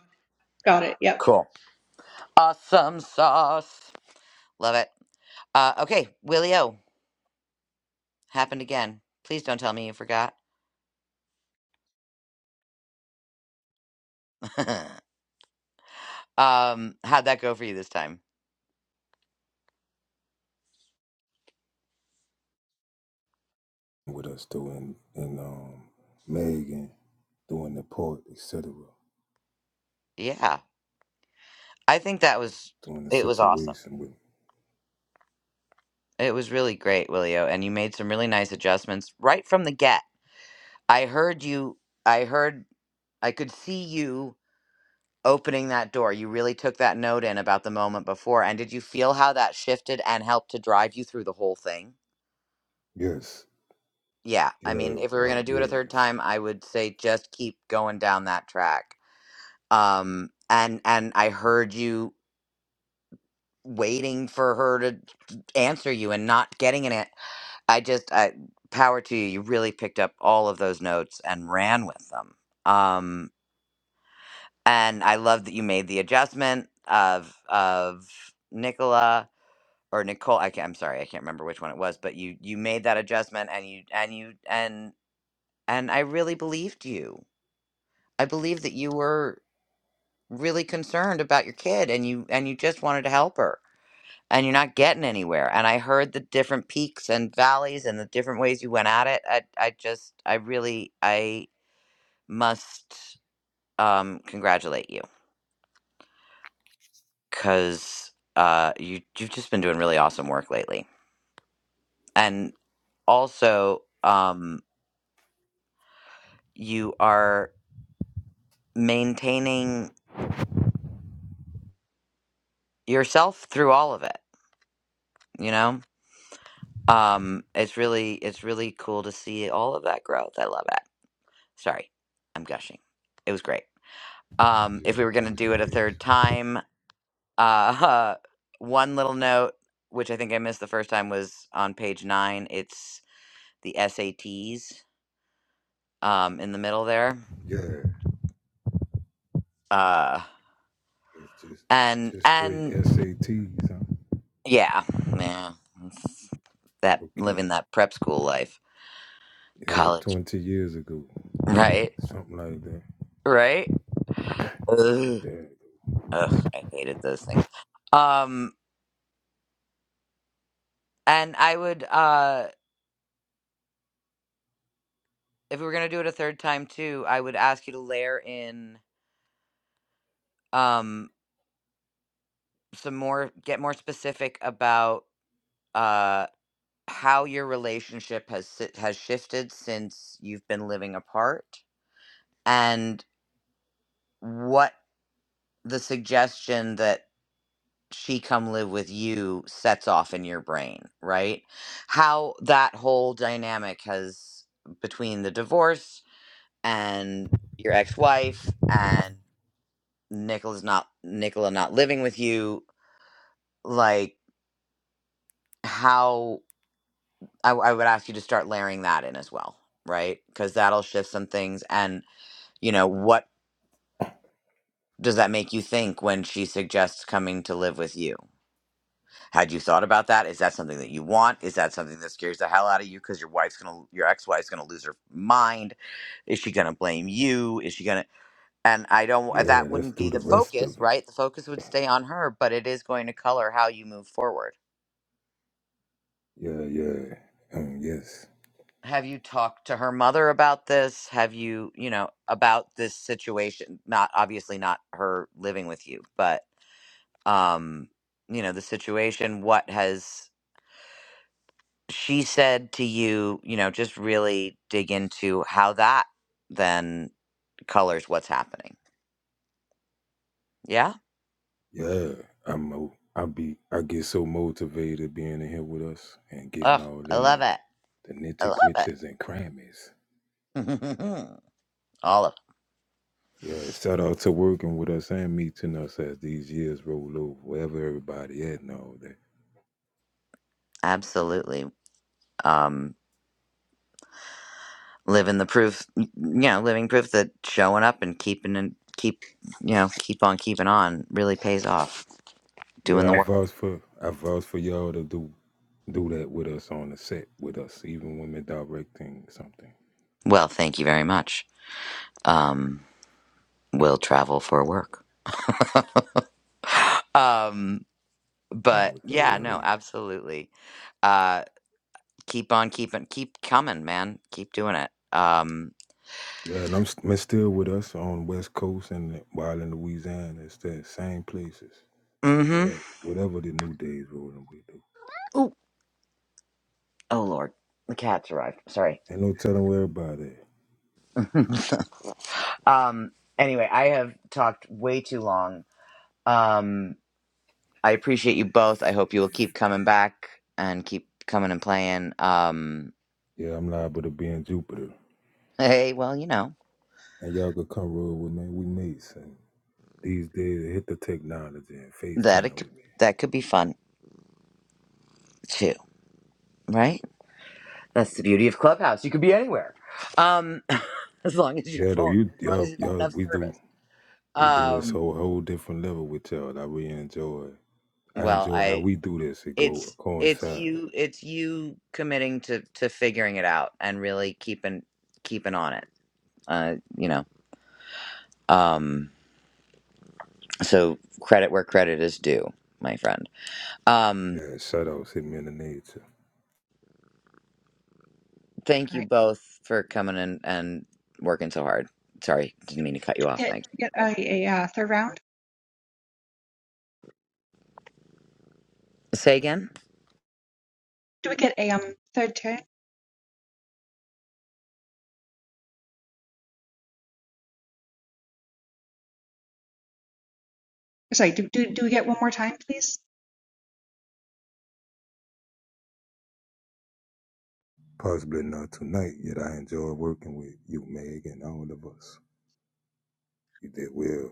Got it. Yep. Cool. Awesome sauce. Love it. Uh okay, Willie O. Happened again. Please don't tell me you forgot. um how'd that go for you this time? me. With us doing and um Megan doing the part, etc. Yeah. I think that was Doing the it was awesome. situation with me. It was really great, Willie O, and you made some really nice adjustments right from the get. I heard you I heard I could see you opening that door. You really took that note in about the moment before. And did you feel how that shifted and helped to drive you through the whole thing? Yes. Yeah. I Yeah, mean, if we were going to oh, do it a third yes. time, I would say just keep going down that track. Um, and and I heard you waiting for her to answer you and not getting in it. I just I, power to you. You really picked up all of those notes and ran with them. Um, and I love that you made the adjustment of of Nicola or Nicole. I can't, I'm sorry, I can't remember which one it was, but you you made that adjustment, and you and you and and I really believed you. I believed that you were really concerned about your kid, and you and you just wanted to help her, and you're not getting anywhere. And I heard the different peaks and valleys and the different ways you went at it. I I just I really I must um congratulate you because uh, you you've just been doing really awesome work lately, and also um, you are maintaining yourself through all of it. You know, um, it's really it's really cool to see all of that growth. I love it. Sorry, I'm gushing. It was great. Um, Yeah, if we were gonna do it a appreciation. third time, uh, one little note, which I think I missed the first time, was on page nine. It's the SATs um, in the middle there Yeah. Uh, It's just and just straight and SATs, huh? yeah, yeah, it's that Okay. living that prep school life, Yeah, college, twenty years ago. right, Something like that. right. Ugh, Yeah. Ugh, I hated those things. Um, and I would, uh, if we were gonna do it a third time too, I would ask you to layer in, um, some more, get more specific about, uh, how your relationship has si- has shifted since you've been living apart, and what the suggestion that she come live with you sets off in your brain, right? How that whole dynamic has between the divorce and your ex-wife and Nicola's not Nicola not living with you, like how I, I would ask you to start layering that in as well, right? Because that'll shift some things. And you know what does that make you think when she suggests coming to live with you? Had you thought about that? Is that something that you want? Is that something that scares the hell out of you because your wife's gonna, your ex-wife's gonna lose her mind? Is she gonna blame you? Is she gonna? And I don't. uh, Yeah, That let's wouldn't do be the the rest focus, of it. right? The focus would stay on her, but it is going to color how you move forward. Yeah, yeah. Um, yes. Have you talked to her mother about this? Have you, you know, about this situation? Not obviously not her living with you, but um, you know, the situation. What has? she said to you, you know, just really dig into how that then colors what's happening. Yeah. Yeah. I'm mo- I be I get so motivated being in here with us and getting Oh, all I in love it. it. The I nitty gritties love and crammies. it. All of Yeah, shout out to working with us and meeting us as these years roll over, wherever everybody at and all that. absolutely. Um, living the proof, you know, living proof that showing up and keeping and keep, you know, keep on keeping on really pays off. Doing the Yeah, I work. vouch for I vouch for y'all to do do that with us on the set with us, even when we're directing something. Well, thank you very much. Um, will travel for work. Um, One but with the yeah, no, Winnie. absolutely. Uh. Keep on keeping, keep coming, man. Keep doing it. Um, Yeah, and I'm st- man, still with us on West Coast and while in Louisiana. It's that same places. mm-hmm. Whatever, whatever the new days rolling with do. Ooh, oh lord, the cat's arrived. Sorry. Ain't no telling where about it. um, anyway, I have talked way too long. Um, I appreciate you both. I hope you will keep coming back and keep coming and playing. Um, Yeah, I'm liable to be in Jupiter. hey, well, you know And y'all could come roll with me. We mates. And these days, hit the technology and that it FaceTime could, with me. that could be fun too, right? That's the beauty of Clubhouse. You could be anywhere. Um. as long as your Yeah, though, phone, you, as long as y'all, you got y'all, enough we do, service. we do this Um, whole, whole different level with y'all. I really enjoy. I well, enjoy how I we do this. It go it's it's coincide. you it's you committing to to figuring it out and really keeping keeping on it uh you know um so credit where credit is due my friend um Yeah, shout outs hit me in the nature. thank All you right. both for coming and and working so hard sorry didn't mean to cut Do you off we get mike do we get a, a uh, third round? say again Do we get a um third turn? Sorry. Do do do we get one more time, please? Possibly not tonight, yet I enjoy working with you, Meg, and all of us. You did well.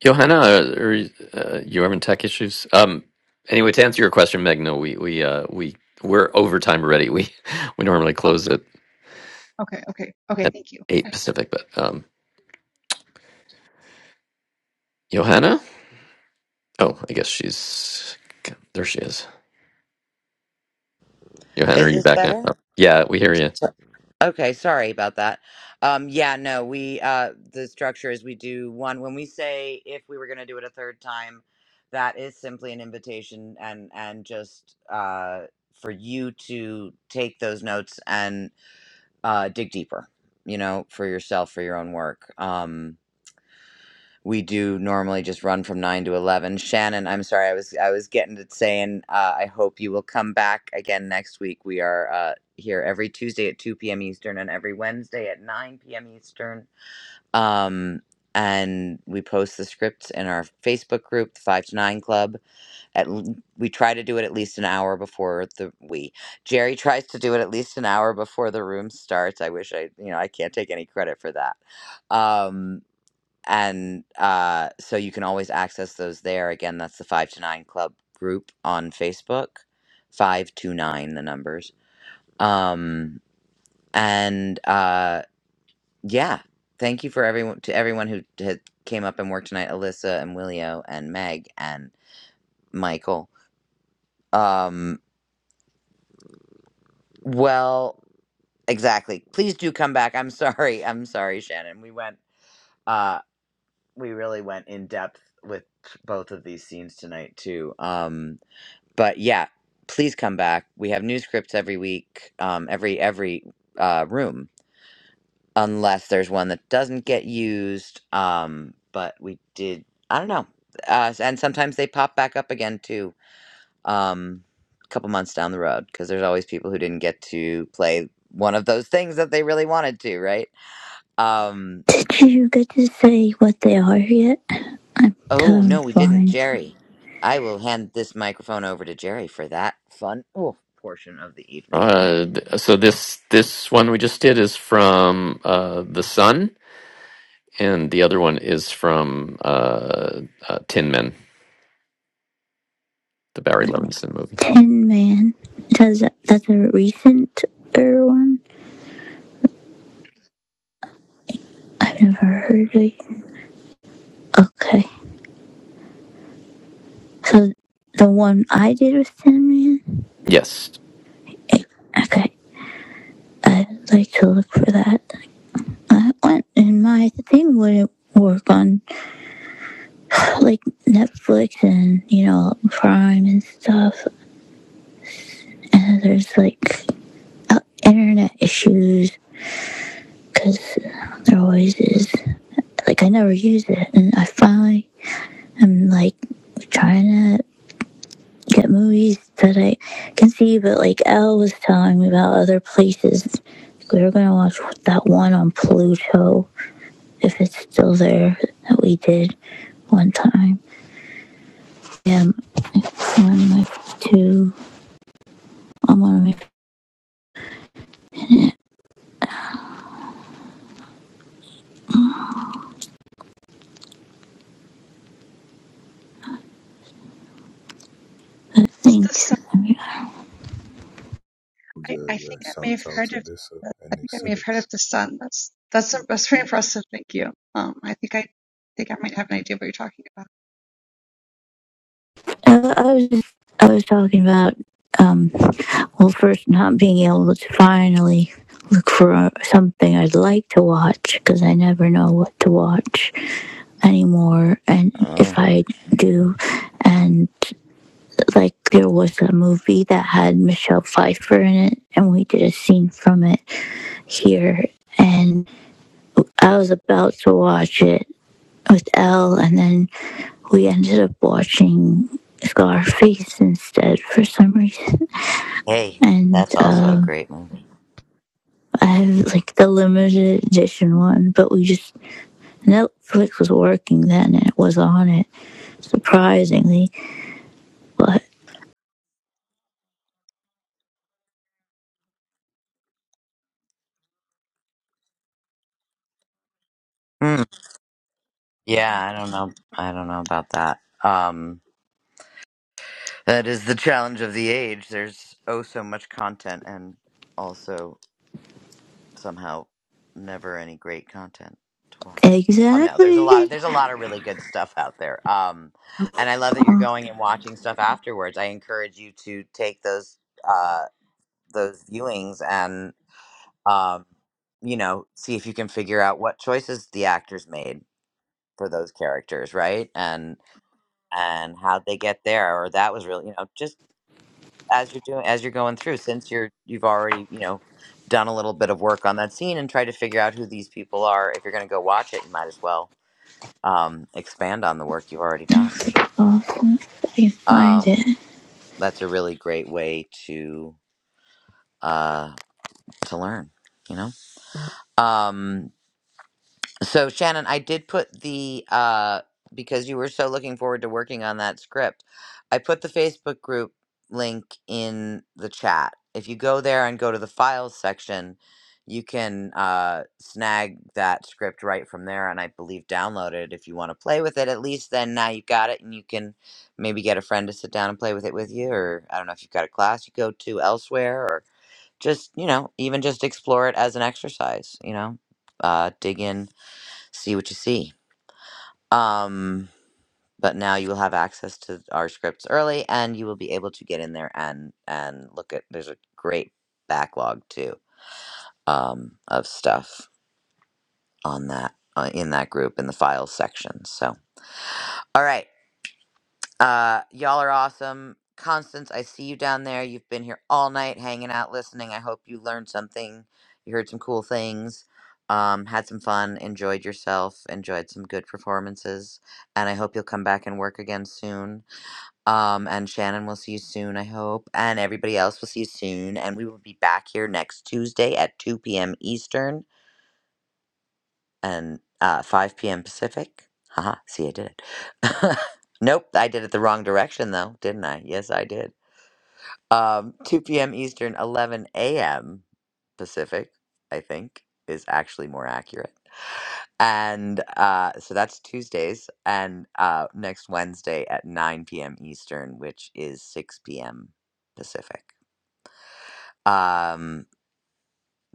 Johanna, are, are uh, you having tech issues? Um, anyway, to answer your question, Meg, no, we we uh, we we're overtime ready. We we normally close at Oh, okay. Okay. Okay. at Thank you. eight All right. Pacific, but um, Johanna, oh, I guess she's there. She is. Johanna, are is you this back now? better Oh, yeah, we hear you. Okay, sorry about that. Um, yeah, no, we uh, the structure is we do one when we say if we were going to do it a third time, that is simply an invitation and and just uh, for you to take those notes and uh, dig deeper, you know, for yourself for your own work. Um, we do normally just run from 9 to 11 shannon i'm sorry i was i was getting to saying uh, i hope you will come back again next week we are uh, here every tuesday at 2 p.m eastern and every wednesday at 9 p.m eastern um, and we post the scripts in our facebook group the 5 to 9 club at l- we try to do it at least an hour before the we jerry tries to do it at least an hour before the room starts i wish i you know i can't take any credit for that um and uh, so you can always access those there. Again, that's the Five to Nine Club group on Facebook. Five to nine, the numbers. Um, and uh, yeah, thank you for everyone to everyone who had came up and worked tonight. Alyssa and Willio and Meg and Michael. Um, well, exactly. Please do come back. I'm sorry. I'm sorry, Shannon. We went. Uh, we really went in depth with both of these scenes tonight too. Um but yeah, please come back. We have new scripts every week, um, every every uh, room, unless there's one that doesn't get used. Um, but we did. I don't know. Uh, and sometimes they pop back up again too, um, a couple months down the road, because there's always people who didn't get to play one of those things that they really wanted to, right? Um, Did you get to say what they are yet? I'm oh no, we didn't, colorblind. Jerry. I will hand this microphone over to Jerry for that fun ooh, portion of the evening. Uh, th- so this this one we just did is from uh, the Sun, and the other one is from uh, uh, Tin Men, the Barry Levinson movie. Tin Man. Does that, that's a recent one? I've never heard of. it. Okay, so the one I did with Tin Man. Yes. Okay, I'd like to look for that. I went and my thing wouldn't work on like Netflix and you know Prime and stuff. And there's like uh, internet issues because there always is. Like I never use it, and I finally am like trying to get movies that I can see. But like Elle was telling me about other places. We were gonna watch that one on Pluto if it's still there that we did one time. Yeah, one, like two. I'm one of my. I Is this think. song? I, Yeah, I yeah. think I may Shout have out heard to of. Alyssa I and think I may have etc. heard of the sun. That's that's that's very impressive. Thank you. Um, I think I think I might have an idea of what you're talking about. I, I was just. I was talking about. Um. Well, first, not being able to finally look for uh, something I'd like to watch because I never know what to watch anymore, and if I do, and like there was a movie that had Michelle Pfeiffer in it, and we did a scene from it here, and I was about to watch it with Elle, and then we ended up watching Scarface instead for some reason. Hey, And that's also a um, great movie. I have like the limited edition one, but we just Netflix was working then and it was on it surprisingly. But Hmm. Yeah, I don't know. I don't know about that. Um, that is the challenge of the age. There's oh so much content, and also somehow never any great content to watch. Oh no, there's a lot of exactly, there's a lot of really good stuff out there. Um, and I love that you're oh, going and watching stuff afterwards. I encourage you to take those uh those viewings and um you know see if you can figure out what choices the actors made for those characters, right? And and how'd they get there? Or that was really, you know, just as you're doing as you're going through, since you're you've already, you know, done a little bit of work on that scene and try to figure out who these people are. If you're gonna go watch it, you might as well um expand on the work you've already done. I can find Um it. that's a really great way to uh to learn, you know? Um So Shannon, I did put the uh because you were so looking forward to working on that script, I put the Facebook group link in the chat. If you go there and go to the files section, you can uh snag that script right from there and I believe download it if you want to play with it. At least then now you've got it and you can maybe get a friend to sit down and play with it with you or I don't know if you've got a class you go to elsewhere or just, you know, even just explore it as an exercise, you know. Uh dig in see what you see. Um, but now you will have access to our scripts early, and you will be able to get in there and and look at. There's a great backlog too um, of stuff on that uh, in that group in the files section. So, all right. Uh, y'all are awesome. Constance, I see you down there. You've been here all night hanging out, listening. I hope you learned something. You heard some cool things, um, had some fun, enjoyed yourself, enjoyed some good performances. And I hope you'll come back and work again soon. Um, and Shannon, we'll see you soon, I hope. And everybody else, we'll see you soon. And we will be back here next Tuesday at 2 p.m. Eastern and uh, 5 p.m. Pacific. Haha, see, I did it. nope, I did it the wrong direction, though, didn't I? Yes, I did. Um, 2 p.m. Eastern, 11 a.m. Pacific, I think, is actually more accurate. And uh, so that's Tuesdays, and uh, next Wednesday at 9 p.m. Eastern, which is 6 p.m. Pacific. Um,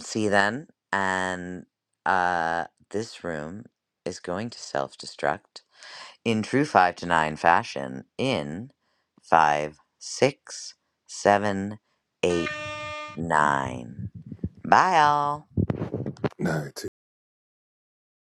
see then and uh this room is going to self-destruct in true five to nine fashion in five six seven eight nine bye all